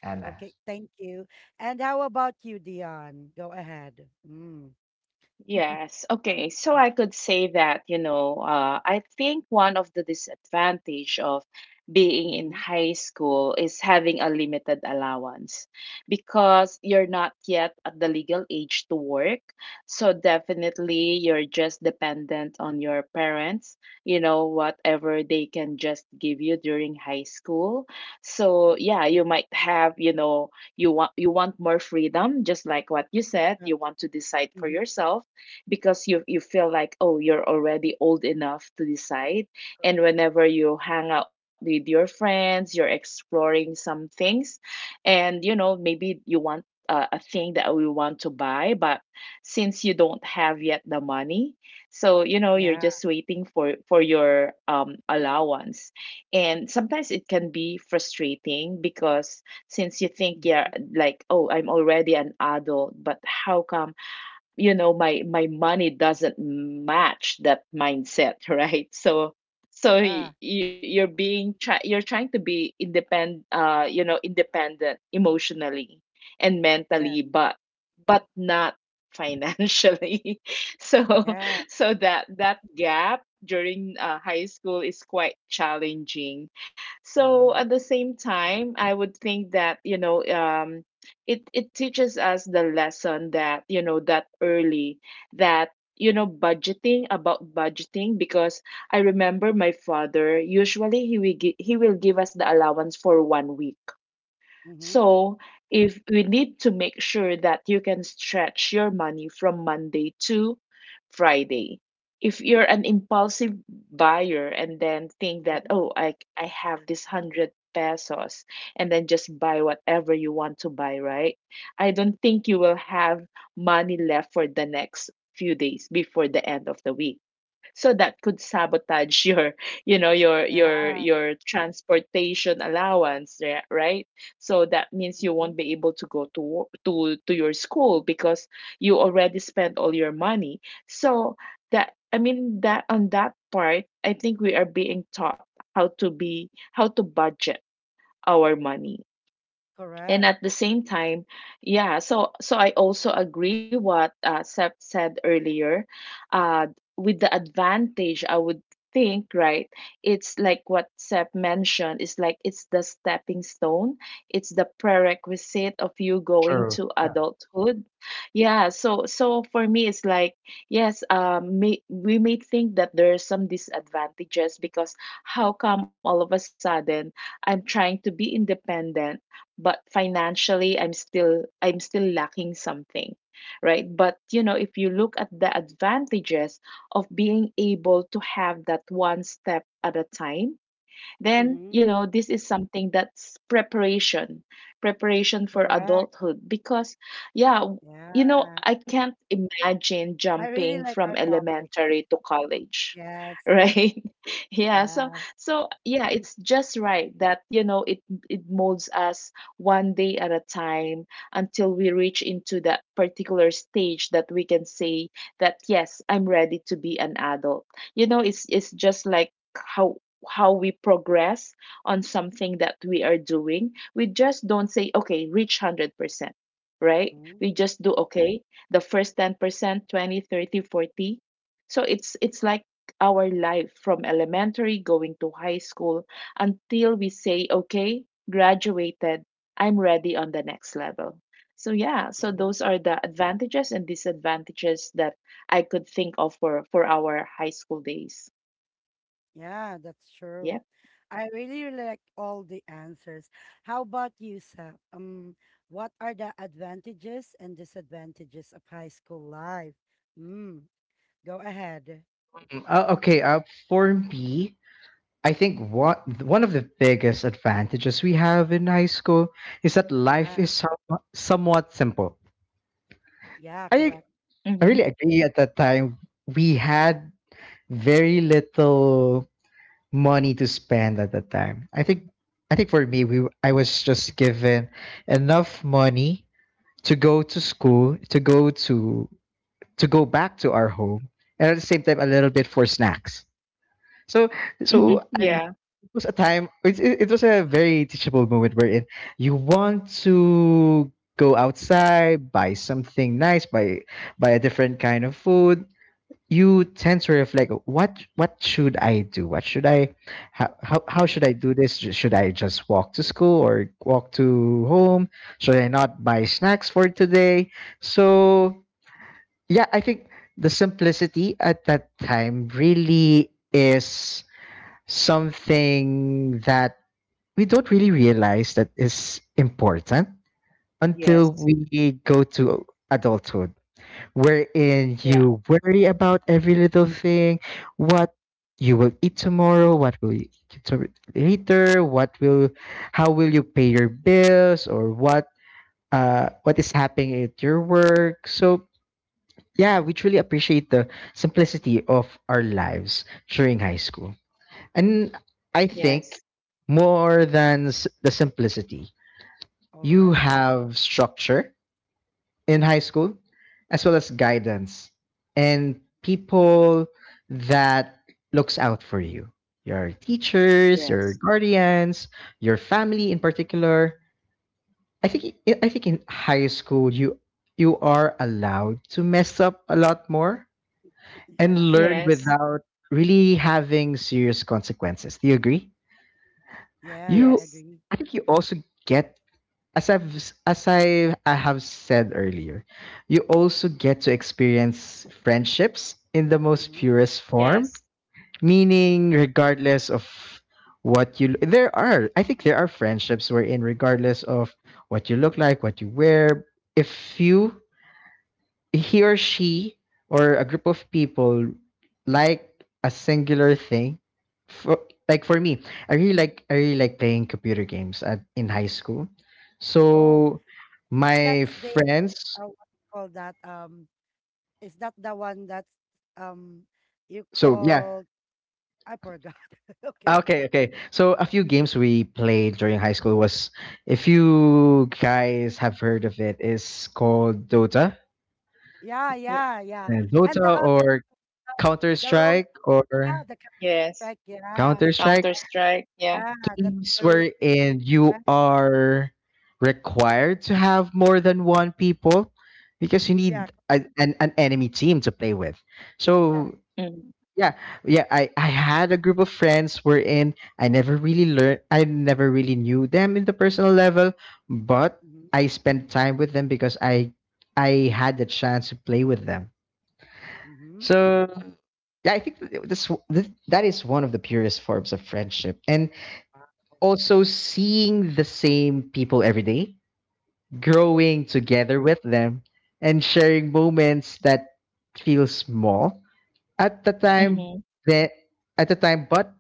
Speaker 3: Anna.
Speaker 1: Okay, thank you. And how about you, Dion? Go ahead. Mm.
Speaker 2: Yes. Okay. So I could say that, I think one of the disadvantage of being in
Speaker 1: Mm-hmm.
Speaker 2: high school is having a limited allowance, because you're not yet at the legal age to work. So definitely you're just dependent on your parents, whatever they can just give you during high school. So yeah, you might have, you want more freedom, just like what you said.
Speaker 1: Uh,
Speaker 2: You want to decide for
Speaker 1: mm-hmm.
Speaker 2: yourself, because you feel like, oh, you're already old enough to decide. And whenever you hang out with your friends, you're exploring some things, and maybe you want a thing that we want to buy, but since you don't have yet the money, so you're
Speaker 1: Yeah.
Speaker 2: just waiting for your allowance. And sometimes it can be frustrating, because since you think you're
Speaker 1: Mm-hmm.
Speaker 2: like, oh, I'm already an adult, but how come my money doesn't match that mindset, *laughs* right? So so
Speaker 1: Yeah.
Speaker 2: you, you're being try, you're trying to be independent you know independent emotionally and mentally
Speaker 1: Yeah.
Speaker 2: but not financially *laughs* so
Speaker 1: Yeah.
Speaker 2: that gap during high school is quite challenging. So at
Speaker 1: Mm-hmm.
Speaker 2: the same time, I would think that, it teaches us the lesson that, that early, that, budgeting, about budgeting, because I remember my father, usually he will give us the allowance for 1 week.
Speaker 1: Mm-hmm.
Speaker 2: So, if we need to make sure that you can stretch your money from Monday to Friday. If you're an impulsive buyer and then think that,
Speaker 1: Mm-hmm.
Speaker 2: oh, I have this 100 pesos and then just buy whatever you want to buy, right? I don't think you will have money left for the next few days before the end of the week so that could sabotage your your
Speaker 1: Yeah.
Speaker 2: your your transportation allowance right. So that means you
Speaker 1: Mm-hmm.
Speaker 2: won't be able to go to wo- to your school because you already spent all your money, so that, I mean, that on that part I think we are being taught how to budget our money. And
Speaker 1: Correct.
Speaker 2: at the same time, yeah, so I also agree what Sep said earlier, uh with the advantage, I would think, right? It's like what Sep mentioned. It's like it's the stepping stone. It's the prerequisite of you going
Speaker 3: True.
Speaker 2: to adulthood. Yeah, so for me, it's like, yes, we may think that there are some disadvantages because how come all of a sudden I'm trying to be independent but financially I'm still lacking something, right? But if you look at the advantages of being able to have that one step at a time, then
Speaker 1: Mm-hmm.
Speaker 2: this is something that's preparation for
Speaker 1: Correct.
Speaker 2: adulthood because yeah, you know
Speaker 1: Yeah.
Speaker 2: I can't imagine
Speaker 1: I really
Speaker 2: jumping
Speaker 1: like
Speaker 2: from
Speaker 1: our topic.
Speaker 2: elementary to college. *laughs*
Speaker 1: Yes.
Speaker 2: Right. Yeah, so
Speaker 1: Yeah.
Speaker 2: so yeah, it's just right that it molds us one day at a time until we reach into that particular stage that we can say that, yes, I'm ready to be an adult. It's just like how we progress on something that we are doing. We just don't say, okay, reach 100%, right?
Speaker 1: Mm-hmm.
Speaker 2: We just do, okay, the first 10%, 20, 30, 40. So it's like our life from elementary going to high school until we say, okay, graduated, I'm ready on the next level. So yeah, so
Speaker 1: Mm-hmm.
Speaker 2: those are the advantages and disadvantages that I could think of for our high school days.
Speaker 1: Yeah, that's
Speaker 2: Yeah.
Speaker 1: true. I really like all the answers. How about you, Sap? What are the advantages and disadvantages of high school life? Mm, Go ahead.
Speaker 3: Okay. For me, I think what one of the biggest advantages we have in high school is that life
Speaker 1: Yeah,
Speaker 3: is somewhat simple.
Speaker 1: yeah,
Speaker 3: I
Speaker 1: correct.
Speaker 3: I really agree. At that time, we had very little money to spend at that time. I think for me
Speaker 1: Mm,
Speaker 3: we I was just given enough money to go to school, to go back to our home, and at the same time a little bit for snacks. So
Speaker 2: Mhm.
Speaker 3: so I,
Speaker 2: Yeah.
Speaker 3: it was a time it, it, it was a very teachable moment wherein you want to go outside, buy something nice, buy a different kind of food. You tend to reflect, what should I do, what should I how
Speaker 1: okay,
Speaker 3: should I do this? Should I just walk to school or walk to home? Should I not buy snacks for today? So yeah, I think the simplicity at that time really is something that we don't really realize that is important
Speaker 2: Yes.
Speaker 3: until we go to adulthood wherein
Speaker 2: Yeah.
Speaker 3: you worry about every little thing, what you will eat tomorrow, what will you eat to- later, how will you pay your bills, or what is happening at your work. So yeah, we truly appreciate the simplicity of our lives during high school, and I
Speaker 2: Yes.
Speaker 3: think more than the simplicity,
Speaker 1: all
Speaker 3: you
Speaker 1: right.
Speaker 3: have structure in high school, as well as guidance and people that looks out for you. Your teachers,
Speaker 2: Yes.
Speaker 3: your guardians, your family in particular. I think in high school you are allowed to mess up a lot more
Speaker 1: *clears throat*
Speaker 3: and
Speaker 1: Yeah,
Speaker 3: learn
Speaker 2: Yes.
Speaker 3: without really having serious consequences. Do you agree?
Speaker 1: yeah, I
Speaker 3: You
Speaker 2: Yes.
Speaker 1: agree.
Speaker 3: I think you also get as I've as I have said earlier, you also get to experience friendships in the most
Speaker 1: Mm-hmm.
Speaker 3: purest
Speaker 2: Yes.
Speaker 3: form, meaning regardless of what you there are I think there are friendships wherein regardless of what you look like, what you wear, if you he or she or a group of people like a singular thing for like for me I really like playing computer games at in high school.
Speaker 1: Oh,
Speaker 3: So my
Speaker 1: that's the
Speaker 3: friends,
Speaker 1: what you call that? Is that the one that's um you
Speaker 3: so yeah.
Speaker 1: call? I forgot. *laughs*
Speaker 3: ah,
Speaker 1: Okay.
Speaker 3: okay okay so a few games we played during high school was, if you guys have heard of it, is called Dota.
Speaker 1: Yeah,
Speaker 2: Yeah.
Speaker 1: yeah, yeah.
Speaker 3: And
Speaker 1: And the
Speaker 3: Dota
Speaker 1: other.
Speaker 3: or Counter
Speaker 1: The road,
Speaker 3: Strike,
Speaker 1: yeah,
Speaker 3: or
Speaker 1: the
Speaker 2: Yes.
Speaker 1: counter, yeah,
Speaker 3: Counter Strike,
Speaker 2: Counter Strike. Yeah.
Speaker 1: yeah, that's
Speaker 3: games
Speaker 1: a really,
Speaker 3: wherein you
Speaker 1: uh,
Speaker 3: are required to have more than one people, because you
Speaker 1: yeah,
Speaker 3: need an enemy team to play with. So
Speaker 1: correct.
Speaker 2: Mm-hmm.
Speaker 3: yeah, yeah, I, I had a group of friends wherein I never really knew them in the personal level, but
Speaker 1: Mm-hmm,
Speaker 3: I spent time with them because I had the chance to play with them.
Speaker 1: mm-hmm.
Speaker 3: So yeah, I think that that is one of the purest forms of friendship. And
Speaker 1: Wow.
Speaker 3: also seeing the same people every day, growing together with them, and sharing moments that feel small at the
Speaker 1: Mm-hmm,
Speaker 3: time
Speaker 2: Mm-hmm.
Speaker 3: that at the time but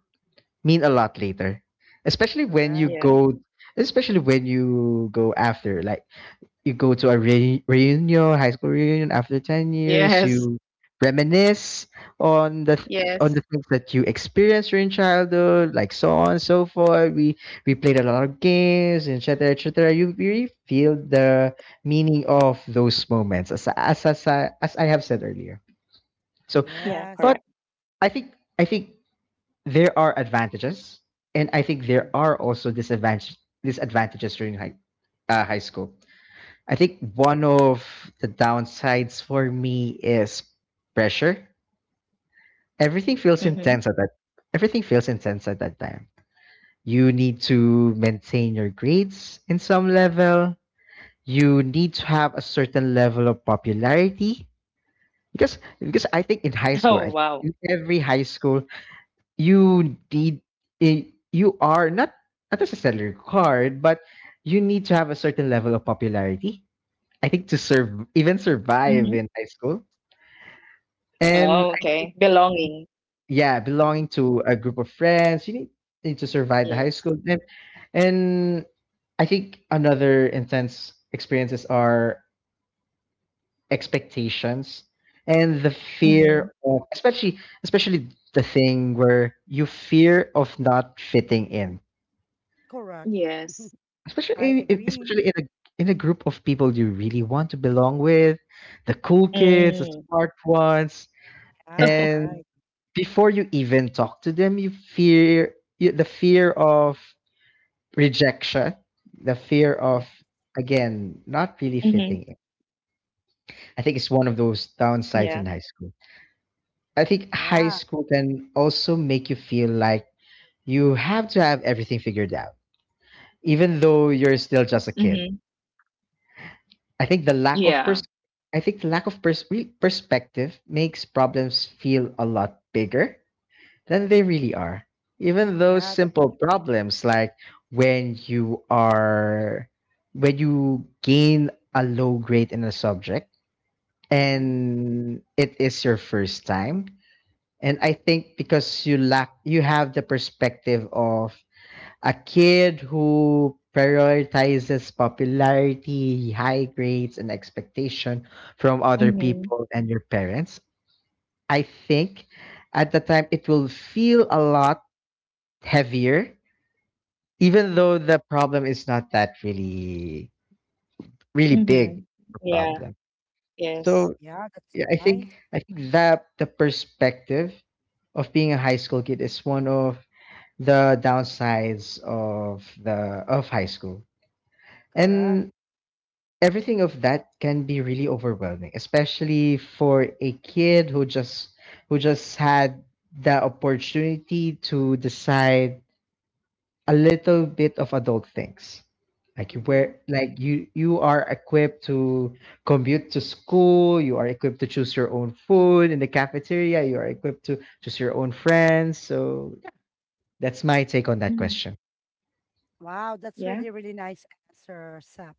Speaker 3: mean a lot later. Especially when you
Speaker 1: correct.
Speaker 2: Yeah.
Speaker 3: go especially when you go, after like you go to a reunion, high school reunion after 10 years,
Speaker 2: Yes.
Speaker 3: you reminisce on the th-
Speaker 2: Yes.
Speaker 3: on the things that you experienced during childhood, like so on and so forth. We played a lot of games, et cetera, et cetera. You really feel the meaning of those moments, as I have said earlier. So,
Speaker 2: Yeah.
Speaker 1: Yes.
Speaker 3: but
Speaker 2: Correct.
Speaker 3: I think I think there are advantages, and I think there
Speaker 1: Mm,
Speaker 3: are also disadvantages during high school. I think one of the downsides for me is pressure. Everything feels
Speaker 1: okay.
Speaker 2: Mm-hmm.
Speaker 3: intense at that. Everything feels intense at that time. You need to maintain your grades in some level. You need to have a certain level of popularity,
Speaker 2: *laughs* Oh,
Speaker 3: because I think
Speaker 2: wow.
Speaker 3: in high school, I in every high school, you need you are not necessarily required, but you need to have a certain level of popularity, I think, to serve even
Speaker 2: Mm-hmm.
Speaker 3: survive in high school.
Speaker 2: Oh,
Speaker 3: And
Speaker 2: okay.
Speaker 3: I-
Speaker 2: Belonging.
Speaker 3: yeah,
Speaker 1: Mm-hmm.
Speaker 3: belonging to a group of friends, need to survive the high
Speaker 2: Yes.
Speaker 3: school. And I think another intense experiences are expectations and the fear
Speaker 2: Mm-hmm.
Speaker 3: of, especially the thing where you fear of not fitting in.
Speaker 1: Correct.
Speaker 2: Yes.
Speaker 3: Especially
Speaker 1: I
Speaker 3: in, in-
Speaker 1: agree.
Speaker 3: especially in a group of people you really want to belong with, the cool kids, the
Speaker 2: Mm.
Speaker 3: smart ones,
Speaker 1: Yeah,
Speaker 3: and
Speaker 2: *laughs*
Speaker 1: right.
Speaker 3: before you even talk to them the fear of rejection, the fear of,
Speaker 1: Yeah,
Speaker 2: Mm-hmm.
Speaker 3: again, not really fitting in. I think it's one of
Speaker 2: Yeah.
Speaker 3: those downsides in high school. I think high
Speaker 1: yeah,
Speaker 3: school can also make you feel like you have to have everything figured out even though
Speaker 1: mm,
Speaker 3: you're still just
Speaker 2: Mm-hmm.
Speaker 3: a kid. i think the lack
Speaker 2: Yeah.
Speaker 3: of pers- i think the lack of pers- re- perspective makes problems feel a lot bigger than they really are. Even those
Speaker 1: yeah. That,
Speaker 3: simple problems, like when you are when you gain a low grade in a subject
Speaker 1: mm-hmm,
Speaker 3: and it is your first time, and I think because you have the perspective of a kid who prioritizes popularity, high grades, and expectation from other
Speaker 1: mm-hmm.
Speaker 3: people
Speaker 2: Mm-hmm.
Speaker 3: and your parents. I think at the time it will feel a lot heavier, even though the problem is not that really, really big
Speaker 2: Mm-hmm.
Speaker 3: a problem.
Speaker 2: Yeah.
Speaker 3: So
Speaker 2: Yes.
Speaker 1: yeah, that's
Speaker 3: yeah, I think
Speaker 1: nice.
Speaker 3: I think that the perspective of being a high school kid is one of the downsides of high school.
Speaker 1: Correct.
Speaker 3: And everything of that can be really overwhelming, especially for a kid who just had the opportunity to decide a little bit of adult things, like you
Speaker 1: Mm-hmm.
Speaker 3: wear like you are equipped to commute to school, you are equipped to choose your own food in the cafeteria, you are equipped to choose your own friends. So yeah, that's my take on that question.
Speaker 2: Mm-hmm.
Speaker 1: Wow, that's really,
Speaker 2: Yeah.
Speaker 1: really nice answer, Sam.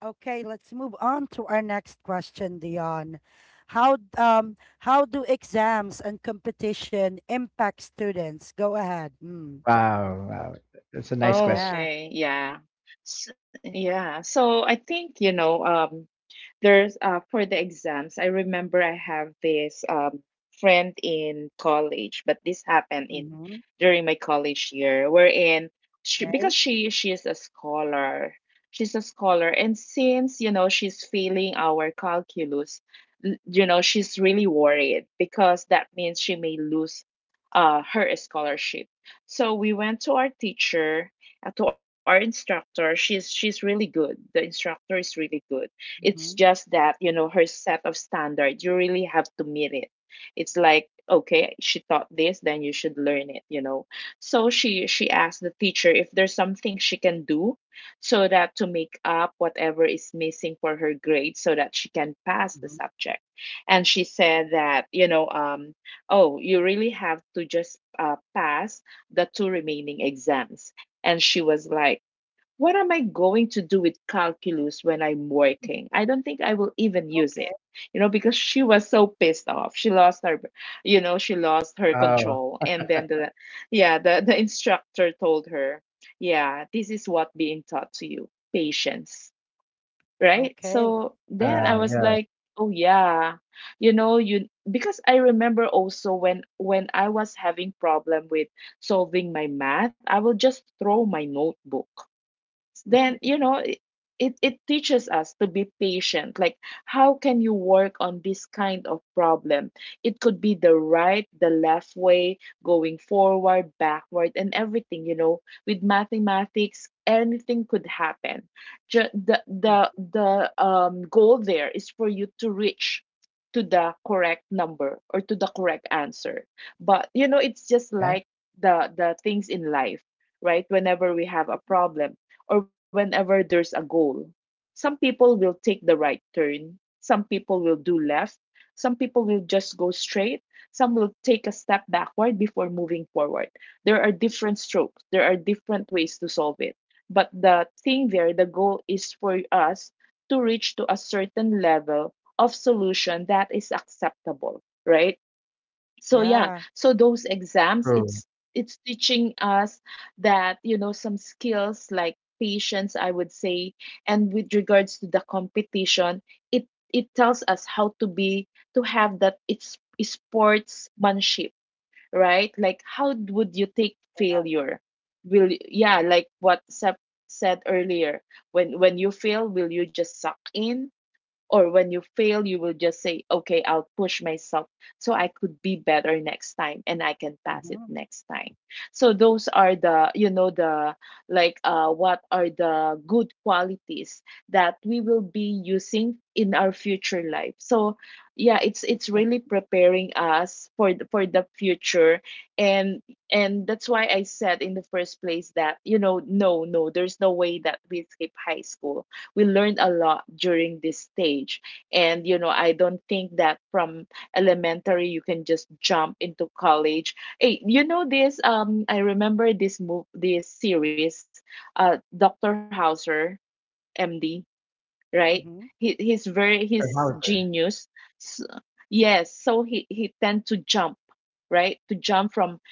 Speaker 1: Okay, let's move on to our next question, Dion. How do exams and competition impact students? Go ahead.
Speaker 3: Wow, wow, that's a
Speaker 2: Oh,
Speaker 3: nice
Speaker 2: okay,
Speaker 3: question.
Speaker 1: Yeah.
Speaker 2: yeah. S Yeah, so I think, there's for the exams, I remember I have this friend in college, but this happened in
Speaker 1: Mm-hmm.
Speaker 2: during my college year wherein she because
Speaker 1: Okay.
Speaker 2: she is a scholar. And since she's failing our calculus, she's really worried because that means she may lose her scholarship. So we went to our teacher, to our instructor. She's really good. The instructor is really good. It's
Speaker 1: Mm-hmm.
Speaker 2: just that, her set of standards, you really have to meet it. It's like, okay, she taught this, then you should learn it. So she asked the teacher if there's something she can do so that to make up whatever is missing for her grade so that she can pass the
Speaker 1: hmm
Speaker 2: subject. And she said that, oh, you really have to just pass the two remaining exams. And she was like, what am I going to do with calculus when I'm working? I don't think I will even use it.
Speaker 1: Okay.
Speaker 2: Because she was so pissed off. She lost her
Speaker 3: Oh,
Speaker 2: control. And then yeah, the instructor told her, yeah, this is what being taught to you, patience, right?
Speaker 1: Okay.
Speaker 2: So then
Speaker 1: Yeah.
Speaker 3: yeah,
Speaker 2: I was
Speaker 3: yeah,
Speaker 2: like, oh yeah, you know, you because I remember also when I was having problem with solving my math, I will just throw my notebook. Then it teaches us to be patient, like how can you work on this kind of problem. It could be the right, the left way, going forward, backward, and everything. With mathematics, anything could happen. Ju- the
Speaker 1: Mhm.
Speaker 2: the the um goal there is for you to reach to the correct number or to the correct answer. But it's just
Speaker 3: yeah.
Speaker 2: like the things in life, right? Whenever we have a problem or whenever there's a goal, some people will take the right turn, some people will do left, some people will just go straight, some will take a step backward before moving forward. There are different strokes, there are different ways to solve it. But the thing there, the goal is for us to reach to a certain level of solution that is acceptable, right? So yeah,
Speaker 1: Yeah.
Speaker 2: so those exams,
Speaker 3: True.
Speaker 2: it's teaching us that, some skills like patience, I would say. And with regards to the competition, it it tells us how to be to have that, it's sportsmanship, right? Like, how would you take failure? Yeah, like what Sep said earlier: when you fail, will you just suck in, or when you fail you will just say, okay, I'll push myself so I could be better next time and I can pass it
Speaker 1: Mhm.
Speaker 2: next time. So those are the you know the, like, what are the good qualities that we will be using in our future life? So yeah, it's
Speaker 1: Okay.
Speaker 2: really preparing us for the, future. And and that's why I said in the first place that, no, no, there's no way that we escape high school. We learned a lot during this stage, and I don't think that from elementary you can just jump into college. Hey, you know this, I remember this move, this series, Dr. Hauser, MD, right?
Speaker 1: Mm-hmm.
Speaker 2: He, he's very
Speaker 3: Sir
Speaker 2: he's
Speaker 3: Hauser.
Speaker 2: genius. S Yes, so he tend to jump, right, to jump from,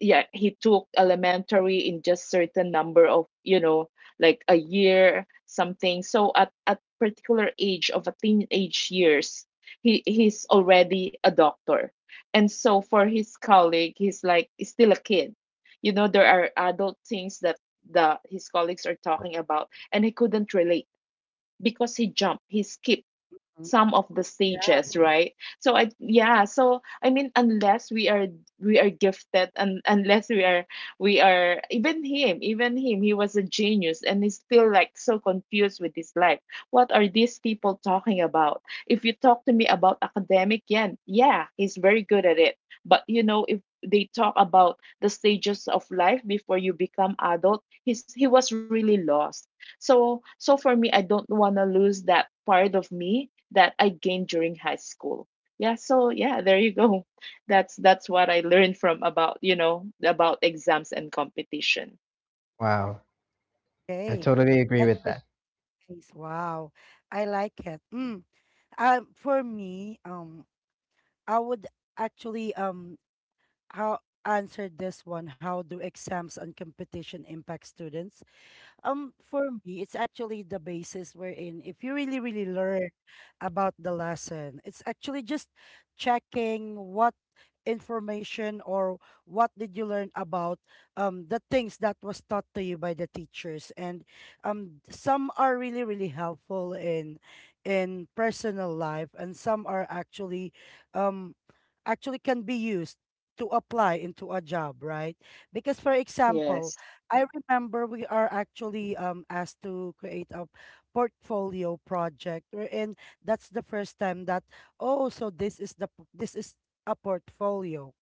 Speaker 2: yeah, he took elementary in just certain number of, like a year something. So at particular age of a teenage years he's already a doctor. And so for his colleague he's like he's still a kid. There are adult things that the his colleagues are talking about and he couldn't relate because he jumped, he skipped some of the
Speaker 1: Yeah.
Speaker 2: stages, right? So I, yeah, so I mean, unless we are gifted, and unless we are even him, even him, he was a genius and he's still like so confused with his life. What are these people talking about? If you talk to me about academic, yeah, yeah, he's very good at it. But if they talk about the stages of life before you become adult, he was really lost. So for me, I don't want to lose that part of me that I gained during high school. Yeah, so yeah, there you go. *laughs* That's what I learned from about, you know, about exams and competition.
Speaker 3: Wow, I
Speaker 1: Okay.
Speaker 3: totally agree
Speaker 1: That's
Speaker 3: with
Speaker 1: pretty
Speaker 3: that.
Speaker 1: nice. Wow. I like it. Mm. For me, I would actually how answer this one. How do exams and competition impact students? For me, it's actually the basis wherein if you really, really learn about the lesson, it's actually just checking what information or what did you learn about the things that was taught to you by the teachers, and some are really really helpful in personal life, and some are actually um actually can be used to apply into a job, right? Because for
Speaker 2: Yes.
Speaker 1: example, I remember we are actually asked to create a portfolio project, and that's the first time that oh, so this is the this is a portfolio.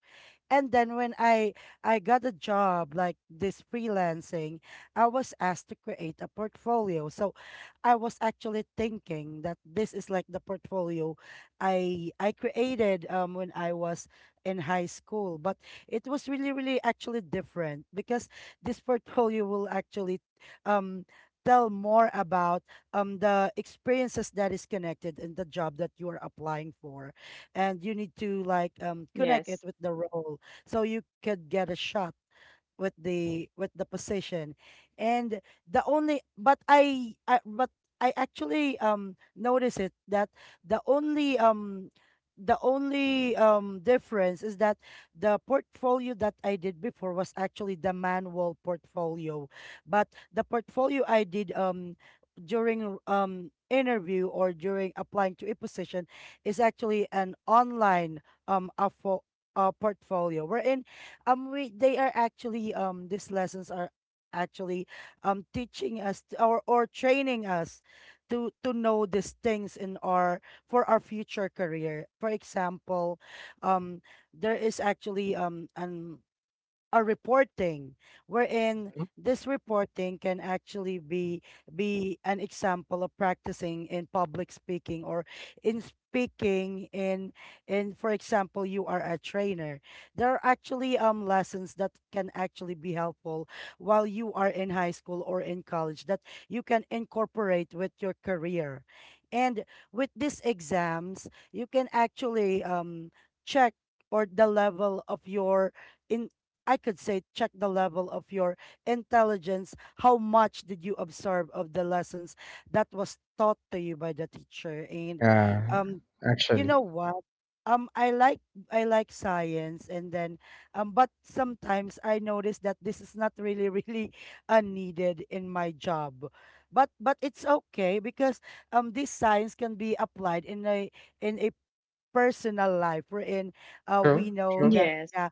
Speaker 1: And then when I got a job like this freelancing, I was asked to create a portfolio. So I was actually thinking that this is like the portfolio I created when I was in high school, but it was really really actually different because this portfolio will actually um tell more about the experiences that is connected in the job that you are applying for, and you need to like
Speaker 2: Yes.
Speaker 1: connect it with the role so you could get a shot with the position. And the only, but I actually notice it that the only um the only difference is that the portfolio that I did before was actually the manual portfolio, but the portfolio I did during interview or during applying to a position is actually an online a portfolio wherein we they are actually these lessons are actually teaching us or training us to know these things in our for our future career. For example, um there is actually an a reporting wherein
Speaker 3: Mhm.
Speaker 1: this reporting can actually be an example of practicing in public speaking, or in speaking in for example you are a trainer, there are actually lessons that can actually be helpful while you are in high school or in college that you can incorporate with your career. And with these exams you can actually check or the level of your in, I could say check the level of your intelligence. How much did you absorb of the lessons that was taught to you by the teacher? And
Speaker 3: Yeah,
Speaker 1: um, you know
Speaker 3: actually.
Speaker 1: what? Um, I like I like science, and then but sometimes I notice that this is not really *laughs* really needed in my job. But it's okay because this science can be applied in a personal life. We're in we
Speaker 3: True,
Speaker 1: know
Speaker 3: true.
Speaker 1: that,
Speaker 2: Yes.
Speaker 1: yeah.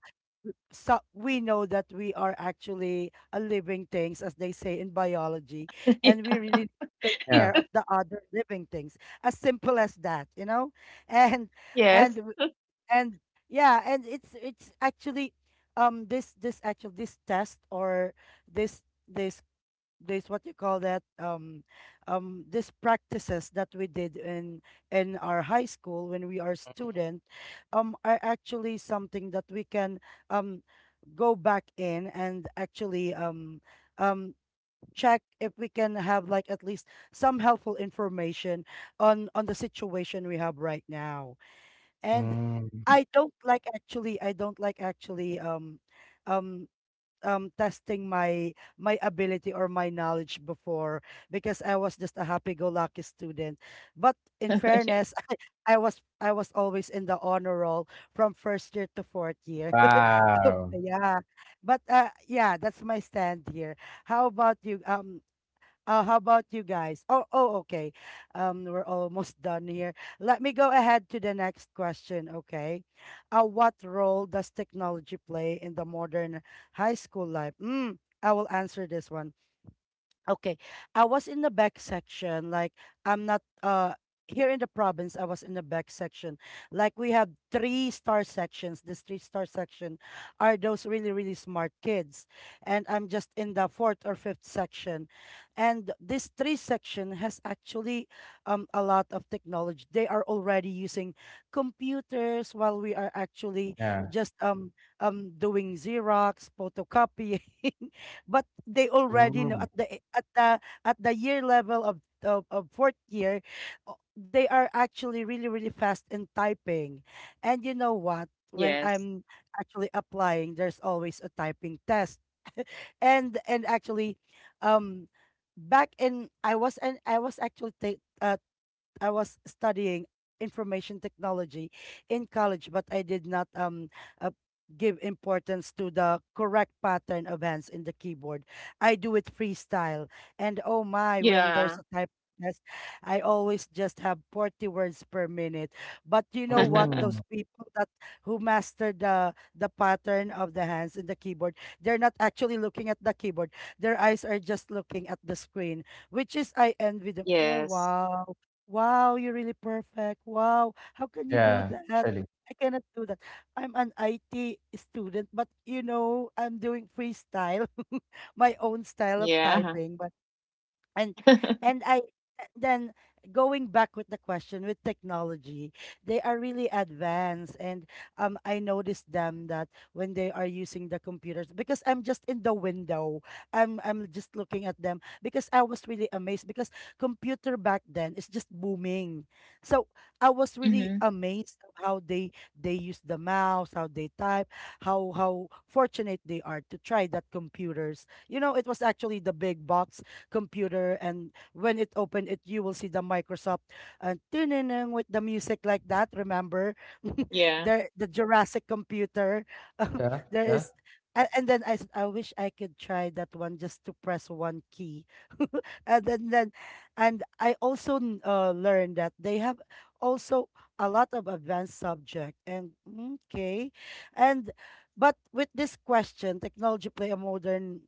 Speaker 1: So we know that we are actually a living things, as they say in biology. And we
Speaker 2: *laughs*
Speaker 1: really take
Speaker 3: Yeah.
Speaker 1: care of the other living things, as simple as that, you know. *laughs* And and
Speaker 2: Yes.
Speaker 1: w- and yeah, and it's actually this this actual this test or this this this what you call that these practices that we did in our high school when we are student are actually something that we can um go back in and actually um check if we can have like at least some helpful information on the situation we have right now. And
Speaker 3: Mm.
Speaker 1: I don't like actually um testing my my ability or my knowledge before, because I was just a happy-go-lucky student. But in fairness, *laughs*
Speaker 2: *laughs*
Speaker 1: I was always in the honor roll from first year to fourth year. *laughs* So,
Speaker 3: Wow.
Speaker 1: yeah. But yeah, that's my stand here. How about you? How about you guys? Oh, oh, okay. We're almost *laughs* done here. Let me go ahead to the next question, okay? What role does technology play in the modern high school life? I will answer this one. Okay. I was in the back section. Like I'm not here in the province, I was in the back section. Like we have three-star sections. This three-star section are those really, really smart kids. And I'm just in the fourth or fifth section. And this three section has actually a lot of technology. They are already using computers while we are actually
Speaker 3: Yeah.
Speaker 1: just doing Xerox, photocopying. *laughs* But they already know
Speaker 3: Mm.
Speaker 1: at the at the at the year level of fourth year they are actually really really fast in typing. And you know what, when
Speaker 2: Yes.
Speaker 1: I'm actually applying there's always a typing test. And actually um back in I was, and I was actually I was studying information technology in college, but I did not uh, give importance to the correct pattern of hands in the keyboard. I do it freestyle, and oh my, when there's
Speaker 2: Yeah.
Speaker 1: a type test, I always just have 40 words per minute. But you know what? Those
Speaker 3: Mm.
Speaker 2: *laughs*
Speaker 1: people that who master the pattern of the hands in the keyboard, they're not actually looking at the keyboard. Their eyes are just looking at the screen, which is I envy them. Oh
Speaker 2: Yes.
Speaker 1: wow. Wow, you're really perfect. Wow, how can you do
Speaker 3: Yeah,
Speaker 1: that?
Speaker 3: actually.
Speaker 1: I cannot do that. I'm an IT student, but you know, I'm doing freestyle, *laughs* my own style of
Speaker 2: Yeah.
Speaker 1: typing. But and
Speaker 2: *laughs*
Speaker 1: and I then going back with the question, with technology they are really advanced. And I noticed them that when they are using the computers, because I'm just in the window, I'm just looking at them because I was really amazed, because computer back then is just booming. So I was really
Speaker 2: Mm-hmm.
Speaker 1: amazed of how they use the mouse, how they type, how fortunate they are to try that computers. You know, it was actually the big box computer, and when it opened it you will see the Microsoft, and ding-ding-ding with the music like that, remember? *laughs*
Speaker 2: Yeah.
Speaker 1: There, the Jurassic computer. *laughs*
Speaker 3: Yeah,
Speaker 1: There
Speaker 3: yeah.
Speaker 1: is and then I wish I could try that one, just to press one key. And then and I also learned that they have also a lot of advanced subject. And okay. And but with this question, technology play a modern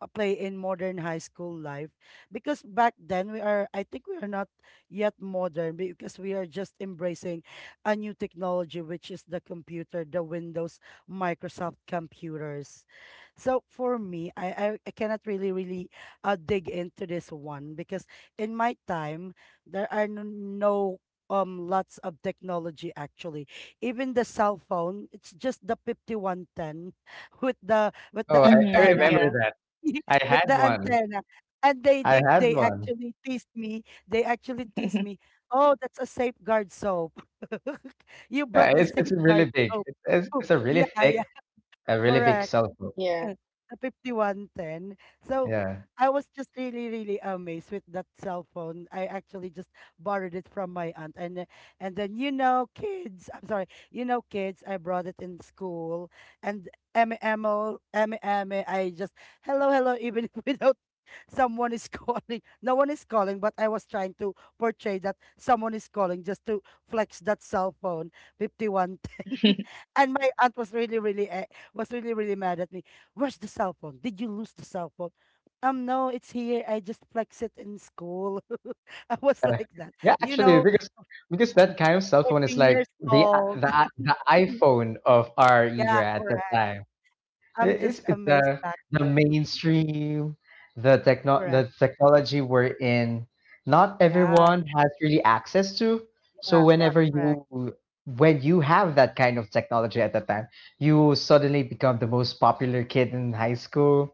Speaker 1: play in modern high school life, because back then we are, I think we are not yet modern because we are just embracing a new technology, which is the computer, the Windows Microsoft computers. So for me I cannot really really dig into this one because in my time there are no lots of technology actually. Even the cell phone it's just the 5110, *laughs* with the
Speaker 3: Oh, I
Speaker 2: Mm-hmm.
Speaker 1: antenna.
Speaker 3: remember
Speaker 2: Yeah.
Speaker 3: that.
Speaker 1: *laughs*
Speaker 3: I
Speaker 1: With the
Speaker 3: had one.
Speaker 1: antenna. And
Speaker 3: I had
Speaker 1: they
Speaker 3: one.
Speaker 1: actually tease me, they actually tease
Speaker 2: *laughs*
Speaker 1: me, oh that's a safeguard soap. *laughs* You brought
Speaker 3: Yeah,
Speaker 1: the
Speaker 3: it's really
Speaker 1: safeguard
Speaker 3: big.
Speaker 1: soap.
Speaker 3: It's,
Speaker 1: *laughs* Oh,
Speaker 3: it's a really
Speaker 1: yeah
Speaker 3: thick,
Speaker 1: yeah
Speaker 3: a really big
Speaker 1: correct.
Speaker 3: cell phone.
Speaker 1: *laughs*
Speaker 2: Yeah.
Speaker 1: The 5110. So
Speaker 3: Yeah.
Speaker 1: I was just really, really amazed with that cell phone. I actually just borrowed it from my aunt. And and then you know, kids, I'm sorry, you know, kids, I brought it in school. And Emmy Emil, Emmy Emmy, I just hello, hello, even *laughs* without someone is *laughs* calling. No one is calling, but I was trying to portray that someone is calling just to flex that cell phone, 5110. *laughs*
Speaker 2: *laughs*
Speaker 1: And my aunt was really, really, was really, really mad at me. Where's the cell phone? Did you lose the cell phone? No, it's here. I just flex it in school. *laughs* I was
Speaker 3: Uh,
Speaker 1: like that,
Speaker 3: yeah,
Speaker 1: you
Speaker 3: actually,
Speaker 1: know,
Speaker 3: because that kind of cell phone is
Speaker 1: 14
Speaker 3: like
Speaker 1: years
Speaker 3: the i-
Speaker 1: old.
Speaker 3: the i- the
Speaker 1: *laughs*
Speaker 3: iPhone of our
Speaker 1: Yeah,
Speaker 3: era at that
Speaker 1: correct.
Speaker 3: time.
Speaker 1: I'm just
Speaker 3: It's
Speaker 1: amazed back
Speaker 3: the
Speaker 1: then.
Speaker 3: mainstream, the techno
Speaker 1: Correct.
Speaker 3: the technology we're in. Not
Speaker 1: Yeah,
Speaker 3: everyone has really access to. So
Speaker 1: yeah, yeah,
Speaker 3: whenever
Speaker 1: correct.
Speaker 3: you, when you have that kind of technology at that time, you suddenly become the most popular kid in high school.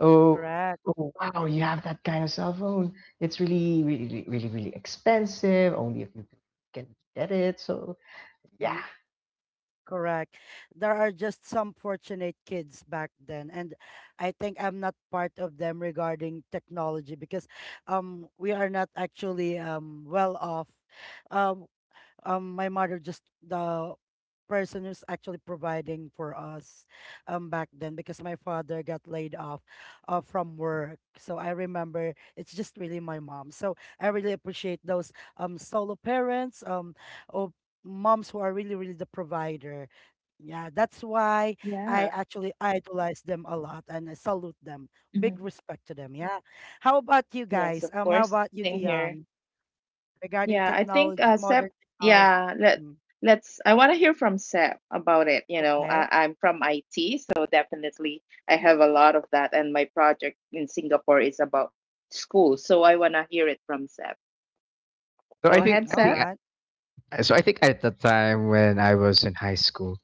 Speaker 3: Oh,
Speaker 1: Correct.
Speaker 3: oh wow, you have that kind of cell phone. It's really, really, really, really, really expensive. Only a few people can get it. So yeah.
Speaker 1: Mhm, correct. There are just some fortunate kids back then, and I think I'm not part of them regarding technology, because we are not actually well off. Um my mother just the person who's actually providing for us back then, because my father got laid off from work. So I remember it's just really my mom, so I really appreciate those solo parents or moms who are really really the provider. Yeah, that's why I
Speaker 2: Yeah.
Speaker 1: actually idolize them a lot, and I salute them. Big
Speaker 2: Hmm.
Speaker 1: respect to them, yeah. How about you
Speaker 2: Yes, of
Speaker 1: guys, how
Speaker 2: course.
Speaker 1: about you
Speaker 2: Same here.
Speaker 1: Dion, regarding
Speaker 2: Yeah, I think
Speaker 1: technology,
Speaker 2: Seb,
Speaker 1: modern technology?
Speaker 2: yeah, let
Speaker 1: Mm,
Speaker 2: let's I want to hear from Seb about it.
Speaker 1: Okay.
Speaker 2: I'm from IT, so definitely I
Speaker 1: Mhm.
Speaker 2: have a lot of that and my project in Singapore is about school. So I want to hear it from Seb.
Speaker 3: So I
Speaker 2: Go
Speaker 3: think
Speaker 2: ahead,
Speaker 3: I
Speaker 1: All
Speaker 3: think
Speaker 2: Seb.
Speaker 1: right.
Speaker 3: so I think at the time when I was in high school,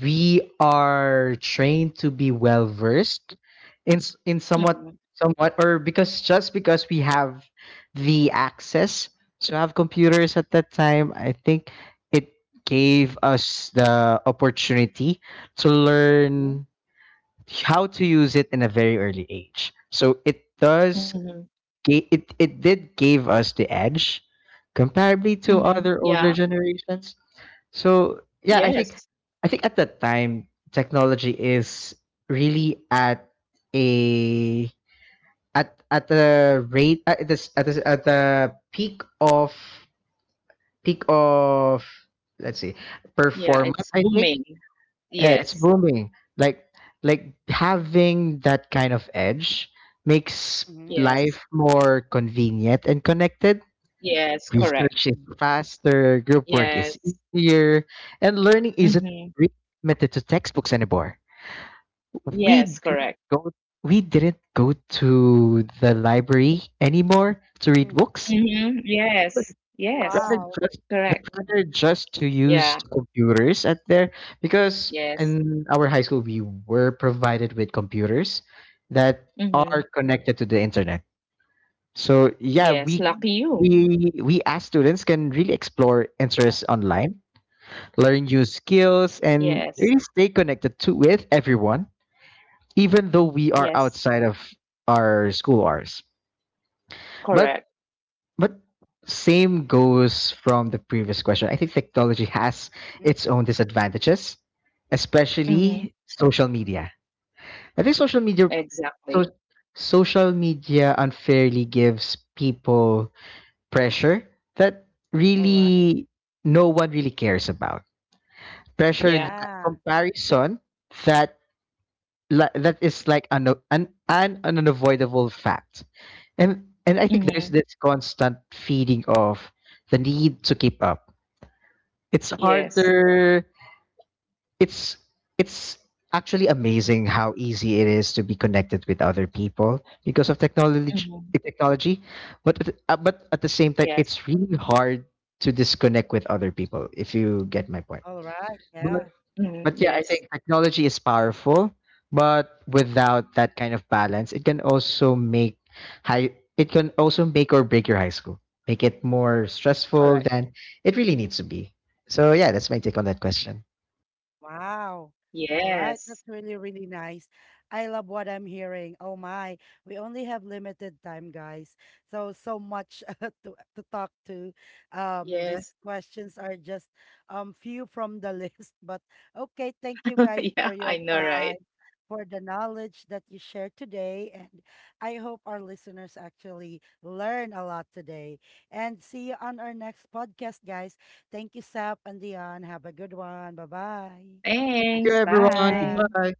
Speaker 3: we are trained to be well versed in somewhat,
Speaker 2: Mm-hmm.
Speaker 3: somewhat or because just because we have the access to have computers at that time, I think it gave us the opportunity to
Speaker 1: Mm-hmm.
Speaker 3: learn how to use it in a very early age. So it does
Speaker 2: Mm-hmm.
Speaker 3: it did give us the edge comparably to
Speaker 2: Mm-hmm.
Speaker 3: other older
Speaker 2: Yeah.
Speaker 3: generations. So yeah, I think
Speaker 2: Yes.
Speaker 3: I think at that time technology is really at a at at the rate at the at the, at the peak of let's see
Speaker 2: Yeah,
Speaker 3: performance.
Speaker 2: it's
Speaker 3: I think,
Speaker 2: booming.
Speaker 3: yeah, it's
Speaker 2: Yes.
Speaker 3: booming. Like having that kind of edge makes
Speaker 1: Mm-hmm.
Speaker 2: Yes.
Speaker 3: life more convenient and connected.
Speaker 2: Yes, correct.
Speaker 3: Research is faster, group work is
Speaker 2: Yes.
Speaker 3: easier, and learning isn't
Speaker 2: Mm-hmm.
Speaker 3: really limited to textbooks anymore.
Speaker 1: Mm-hmm.
Speaker 3: We
Speaker 2: Yes,
Speaker 3: didn't
Speaker 2: correct.
Speaker 3: go we didn't go to the library anymore to read books,
Speaker 2: Mm-hmm. Yes.
Speaker 3: but
Speaker 2: Yes,
Speaker 3: rather
Speaker 1: Wow.
Speaker 3: just
Speaker 2: correct.
Speaker 3: rather just to
Speaker 2: Yeah.
Speaker 3: use computers at there, because
Speaker 2: Yes.
Speaker 3: in our high school we were provided with computers that are
Speaker 2: Mhm.
Speaker 3: connected to the internet. So
Speaker 2: Yes,
Speaker 3: yeah,
Speaker 2: lucky
Speaker 1: Mm-hmm.
Speaker 2: you.
Speaker 3: we as students can really explore interests online, learn new skills, and
Speaker 2: Yes.
Speaker 3: really stay connected to with everyone, even though we are
Speaker 2: Yes.
Speaker 3: outside of our school hours. But
Speaker 2: Correct.
Speaker 3: but same goes from the previous question. I think technology has its own disadvantages,
Speaker 2: Mhm.
Speaker 3: especially social media. I think social media so
Speaker 2: Exactly.
Speaker 3: social media unfairly gives people pressure that
Speaker 1: All right.
Speaker 3: really no one really cares about. Pressure
Speaker 2: Yeah.
Speaker 3: that,
Speaker 1: Yeah.
Speaker 3: comparison, that that is like an an unavoidable fact. And I think there's
Speaker 2: Mhm.
Speaker 3: this constant feeding of the need to keep up. It's
Speaker 2: Yes.
Speaker 3: harder it's it's actually amazing how easy it is to be connected with other people because of
Speaker 2: Mhm.
Speaker 3: technology, but at the same time
Speaker 2: Yes.
Speaker 3: it's really hard to disconnect with other people, if you get my point.
Speaker 1: All right.
Speaker 3: but
Speaker 1: Yeah.
Speaker 3: but
Speaker 2: Mhm.
Speaker 3: yeah, I think
Speaker 2: Yes.
Speaker 3: technology is powerful, but without that kind of balance it can also make high it can also make or break your high school, make it more
Speaker 2: Correct.
Speaker 3: stressful than it really needs to be. So yeah, that's my take on that question.
Speaker 1: Wow. All right, that's
Speaker 2: Yes.
Speaker 1: really, really nice. I love what I'm hearing. Oh my. We only have limited time, guys. So, so much *laughs* to talk to.
Speaker 2: Yes.
Speaker 1: These questions are just few from the *laughs* list. But okay, thank you
Speaker 2: *laughs*
Speaker 1: guys for
Speaker 2: Yeah,
Speaker 1: your
Speaker 2: I know,
Speaker 1: time,
Speaker 2: right?
Speaker 1: for the knowledge that you shared today. And I hope our listeners actually learn a lot today. And see you on our next podcast, guys. Thank you, Sap and Dion. Have a good one. Bye-bye.
Speaker 3: Thank you
Speaker 2: Thanks.
Speaker 3: everyone,
Speaker 2: Bye.
Speaker 1: Yeah.
Speaker 3: goodbye.